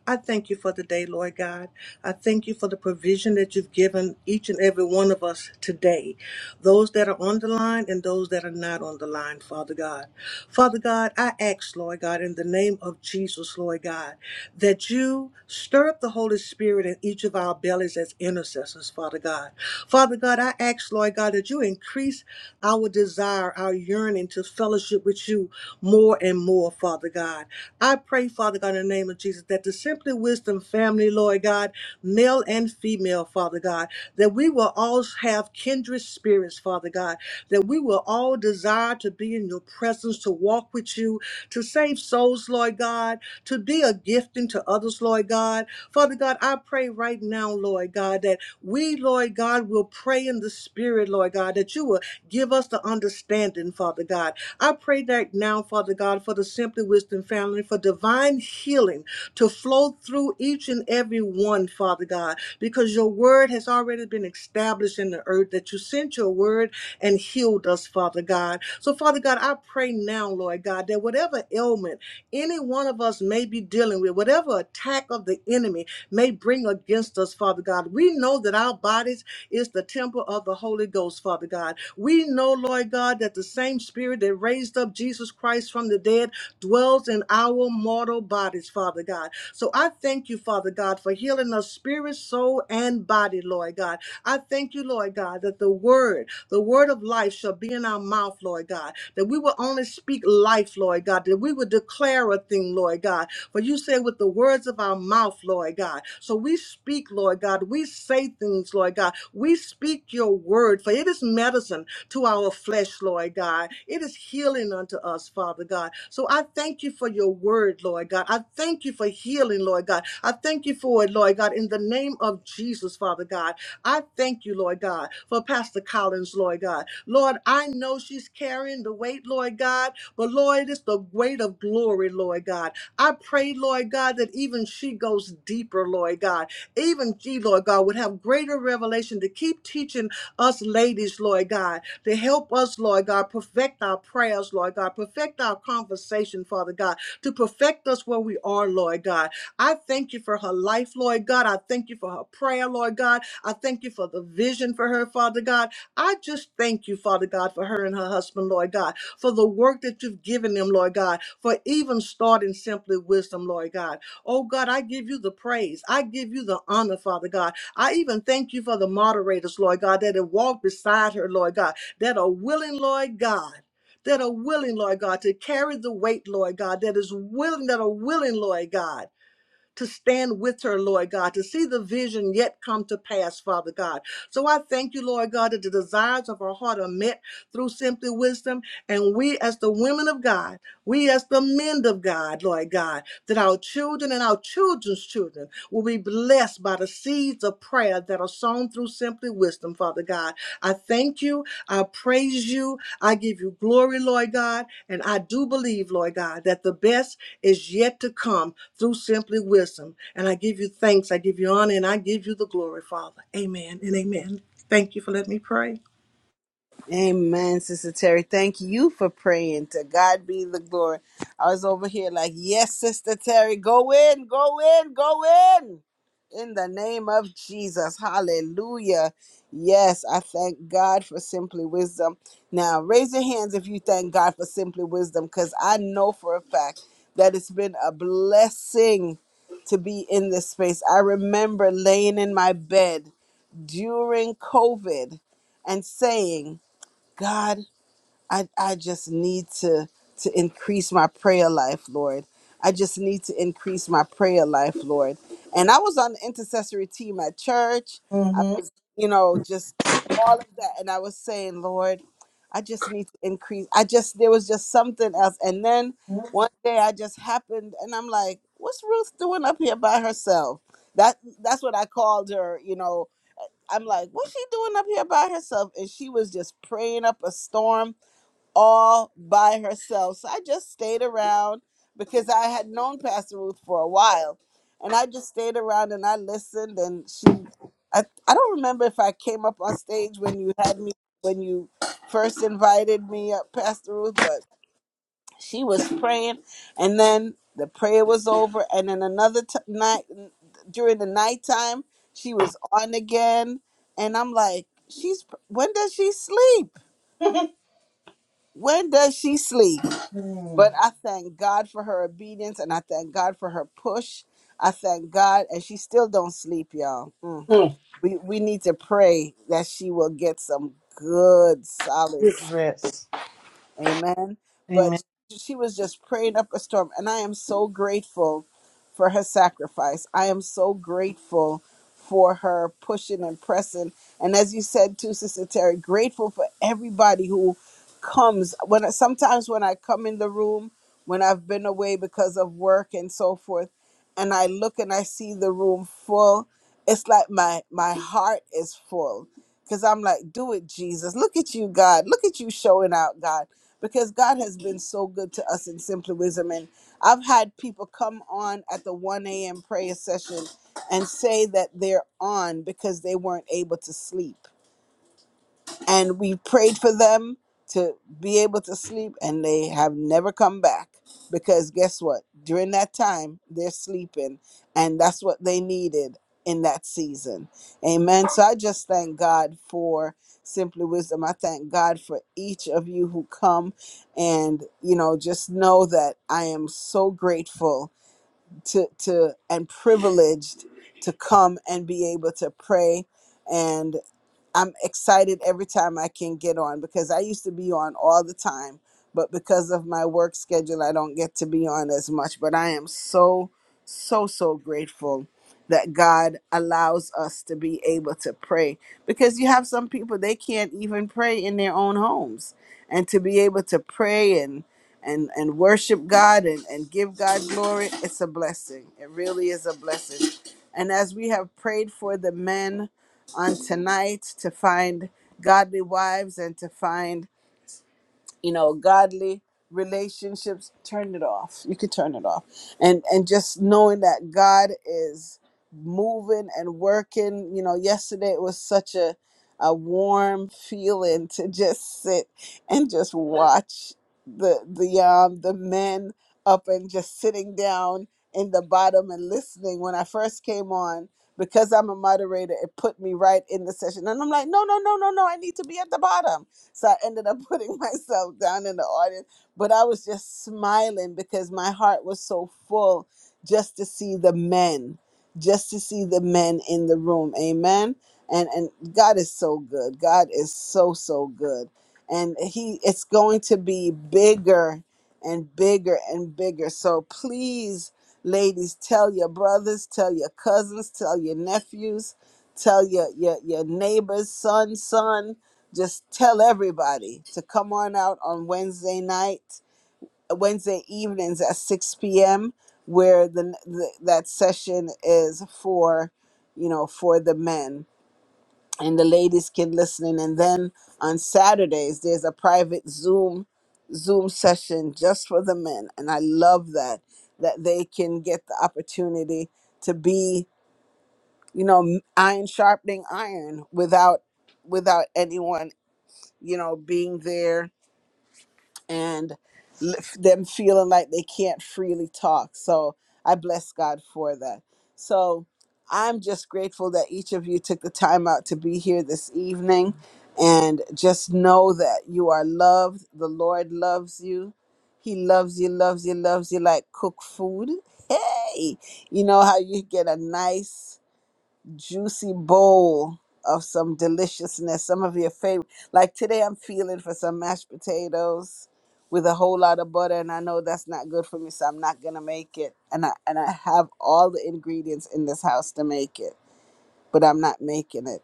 I thank you for the day, Lord God. I thank you for the provision that you've given each and every one of us today, those that are on the line and those that are not on the line, Father God. Father God, I ask, Lord God, in the name of Jesus, Lord God, that you stir up the Holy Spirit in each of our bellies leaders, as intercessors, Father God. Father God, I ask, Lord God, that you increase our desire, our yearning to fellowship with you more and more, Father God. I pray, Father God, in the name of Jesus, that the Simply Wisdom family, Lord God, male and female, Father God, that we will all have kindred spirits, Father God, that we will all desire to be in your presence, to walk with you, to save souls, Lord God, to be a gifting to others, Lord God. Father God, I pray right now, Lord God, that we, Lord God, will pray in the spirit, Lord God, that you will give us the understanding, Father God. I pray that now, Father God, for the Simply Wisdom family, for divine healing to flow through each and every one, Father God, because your word has already been established in the earth, that you sent your word and healed us, Father God. So, Father God, I pray now, Lord God, that whatever ailment, any one of us may be dealing with, whatever attack of the enemy may bring against us, Father God. We know that our bodies is the temple of the Holy Ghost, Father God. We know, Lord God, that the same spirit that raised up Jesus Christ from the dead dwells in our mortal bodies, Father God. So I thank you, Father God, for healing us spirit, soul, and body, Lord God. I thank you, Lord God, that the word, the word of life shall be in our mouth, Lord God, that we will only speak life, Lord God, that we will declare a thing, Lord God. For you say with the words of our mouth, Lord God. So we we speak, Lord God. We say things, Lord God. We speak your word, for it is medicine to our flesh, Lord God. It is healing unto us, Father God. So I thank you for your word, Lord God. I thank you for healing, Lord God. I thank you for it, Lord God, in the name of Jesus, Father God. I thank you, Lord God, for Pastor Collins, Lord God. Lord, I know she's carrying the weight, Lord God, but Lord, it is the weight of glory, Lord God. I pray, Lord God, that even she goes deeper, Lord God even she, Lord God, would have greater revelation to keep teaching us ladies, Lord God, to help us, Lord God, perfect our prayers, Lord God, perfect our conversation, Father God, to perfect us where we are, Lord God. I thank you for her life, Lord God. I thank you for her prayer, Lord God. I thank you for the vision for her, Father God. I just thank you, Father God, for her and her husband, Lord God, for the work that you've given them, Lord God, for even starting simply wisdom, Lord God. Oh God, I give you the praise. I give you the honor, Father God. I even thank you for the moderators, Lord God, that have walked beside her, Lord God, that are willing, Lord God. That are willing, Lord God, to carry the weight, Lord God, that is willing, that are willing, Lord God to stand with her, Lord God, to see the vision yet come to pass, Father God. So I thank you, Lord God, that the desires of our heart are met through simply wisdom. And we, as the women of God, we, as the men of God, Lord God, that our children and our children's children will be blessed by the seeds of prayer that are sown through simply wisdom, Father God. I thank you. I praise you. I give you glory, Lord God. And I do believe, Lord God, that the best is yet to come through simply wisdom. And I give you thanks. I give you honor and I give you the glory, Father. Amen and amen. Thank you for letting me pray. Amen, Sister Terry. Thank you for praying. To God be the glory. I was over here like, yes, Sister Terry, go in, go in, go in. In the name of Jesus. Hallelujah. Yes, I thank God for Simply Wisdom. Now, raise your hands if you thank God for Simply Wisdom, because I know for a fact that it's been a blessing to be in this space. I remember laying in my bed during COVID and saying, God, I, I just need to to increase my prayer life, Lord. I just need to increase my prayer life, Lord. And I was on the intercessory team at church. I hmm was, you know, just all of that. And I was saying, Lord, I just need to increase. I just there was just something else. And then one day I just happened and I'm like, what's Ruth doing up here by herself? That that's what I called her, you know, I'm like, what's she doing up here by herself? And she was just praying up a storm all by herself. So I just stayed around because I had known Pastor Ruth for a while. And I just stayed around and I listened and she I, I don't remember if I came up on stage when you had me when you first invited me up, Pastor Ruth, but she was praying and then the prayer was over and then another t- night during the nighttime she was on again and i'm like she's when does she sleep when does she sleep Mm. but i thank god for her obedience and i thank god for her push i thank god and she still don't sleep y'all Mm. Mm. we, we need to pray that she will get some good solid Good rest. Amen. Amen. But she was just praying up a storm. And I am so grateful for her sacrifice. I am so grateful for her pushing and pressing. And as you said too, Sister Terry, grateful for everybody who comes. When I- sometimes when I come in the room, when I've been away because of work and so forth, and I look and I see the room full, it's like my my heart is full. Cause I'm like, do it, Jesus. Look at you, God. Look at you showing out, God because God has been so good to us in Simply Wisdom. And I've had people come on at the 1 a.m. prayer session and say that they're on because they weren't able to sleep and we prayed for them to be able to sleep and they have never come back because guess what during that time they're sleeping and that's what they needed in that season amen so i just thank god for simply wisdom i thank god for each of you who come and you know just know that i am so grateful to to and privileged to come and be able to pray and. I'm excited every time I can get on because I used to be on all the time, but because of my work schedule, I don't get to be on as much. But I am so, so, so grateful that God allows us to be able to pray because you have some people they can't even pray in their own homes and to be able to pray and and and worship God and, and give God glory, it's a blessing. It really is a blessing. And as we have prayed for the men on tonight to find godly wives and to find you know godly relationships turn it off you could turn it off and and just knowing that god is moving and working you know yesterday it was such a a warm feeling to just sit and just watch the the um the men up and just sitting down in the bottom and listening when i first came on because i'm a moderator it put me right in the session and i'm like no no no no no i need to be at the bottom so I ended up putting myself down in the audience, but I was just smiling because my heart was so full just to see the men, just to see the men in the room. Amen. And and God is so good. God is so so good. And he it's going to be bigger and bigger and bigger. So please ladies tell your brothers, tell your cousins, tell your nephews, tell your your, your neighbor's son, son just tell everybody to come on out on Wednesday night, uh, Wednesday evenings at 6 p.m., where the, the that session is for, you know, for the men and the ladies can listen in. And then on Saturdays there's a private Zoom Zoom session just for the men, and I love that that they can get the opportunity to be, you know, iron sharpening iron without without anyone, you know, being there and l- f- them feeling like they can't freely talk. So I bless God for that. So I'm just grateful that each of you took the time out to be here this evening. And just know that you are loved. The Lord loves you. He loves you, loves you, loves you like cook food. Hey, you know how you get a nice juicy bowl of some deliciousness, some of your favorite. Like today, I'm feeling for some mashed potatoes with a whole lot of butter, and I know that's not good for me, so I'm not gonna make it. And I and I have all the ingredients in this house to make it, but I'm not making it.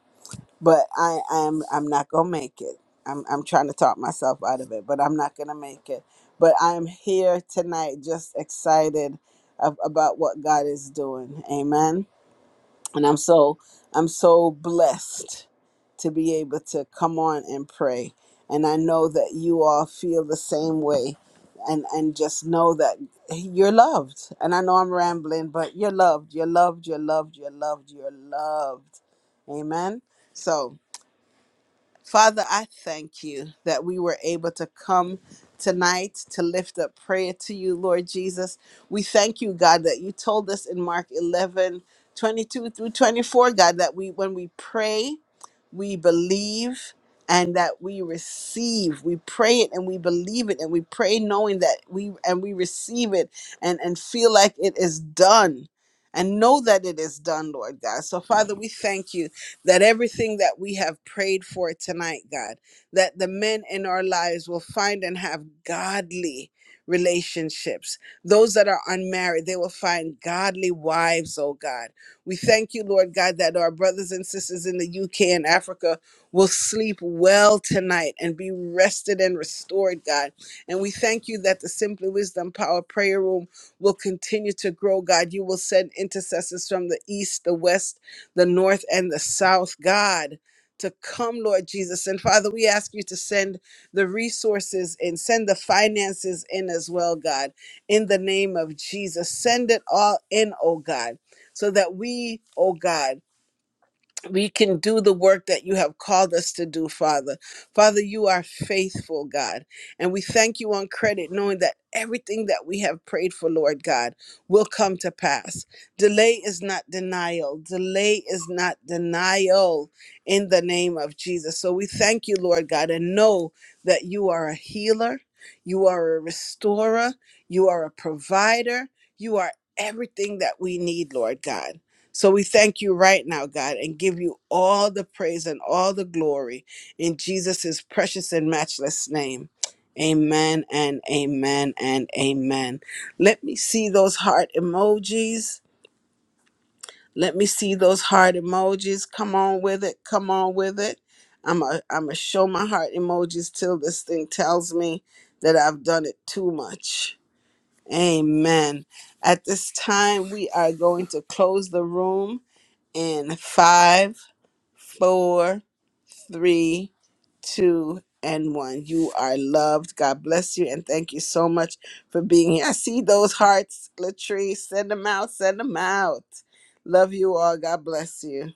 But I am I'm, I'm not gonna make it. I'm I'm trying to talk myself out of it, but I'm not gonna make it. But I'm here tonight, just excited of, about what God is doing. Amen and I'm so I'm so blessed to be able to come on and pray. And I know that you all feel the same way and and just know that you're loved. And I know I'm rambling, but you're loved. You're loved, you're loved, you're loved, you're loved. Amen. So. Father, I thank you that we were able to come tonight to lift up prayer to you, Lord Jesus. We thank you, God, that you told us in Mark 11 22 through 24, God, that we, when we pray, we believe and that we receive we pray it and we believe it and we pray knowing that we and we receive it and and feel like it is done and know that it is done lord god so father we thank you that everything that we have prayed for tonight, God, that the men in our lives will find and have godly relationships. Those that are unmarried, they will find godly wives, oh God. We thank you, Lord God, that our brothers and sisters in the UK and Africa will sleep well tonight and be rested and restored, God. And we thank you that the Simply Wisdom Power Prayer Room will continue to grow, God. You will send intercessors from the east, the west, the north and the south, God. To come, Lord Jesus. And Father, we ask you to send the resources and send the finances in as well, God, in the name of Jesus. Send it all in, oh God, so that we, oh God, we can do the work that you have called us to do, Father. Father, you are faithful, God. And we thank you on credit, knowing that everything that we have prayed for, Lord God, will come to pass. Delay is not denial. Delay is not denial in the name of Jesus. So we thank you, Lord God, and know that you are a healer, you are a restorer, you are a provider, you are everything that we need, Lord God. So we thank you right now, God, and give you all the praise and all the glory in Jesus' precious and matchless name. Amen and amen and amen. Let me see those heart emojis. Let me see those heart emojis. Come on with it. Come on with it. I'm a, I'm a show my heart emojis till this thing tells me that I've done it too much. Amen. At this time, we are going to close the room in five, four, three, two, and one. You are loved. God bless you, and thank you so much for being here. I see those hearts, Latrice. Send them out. Send them out. Love you all. God bless you.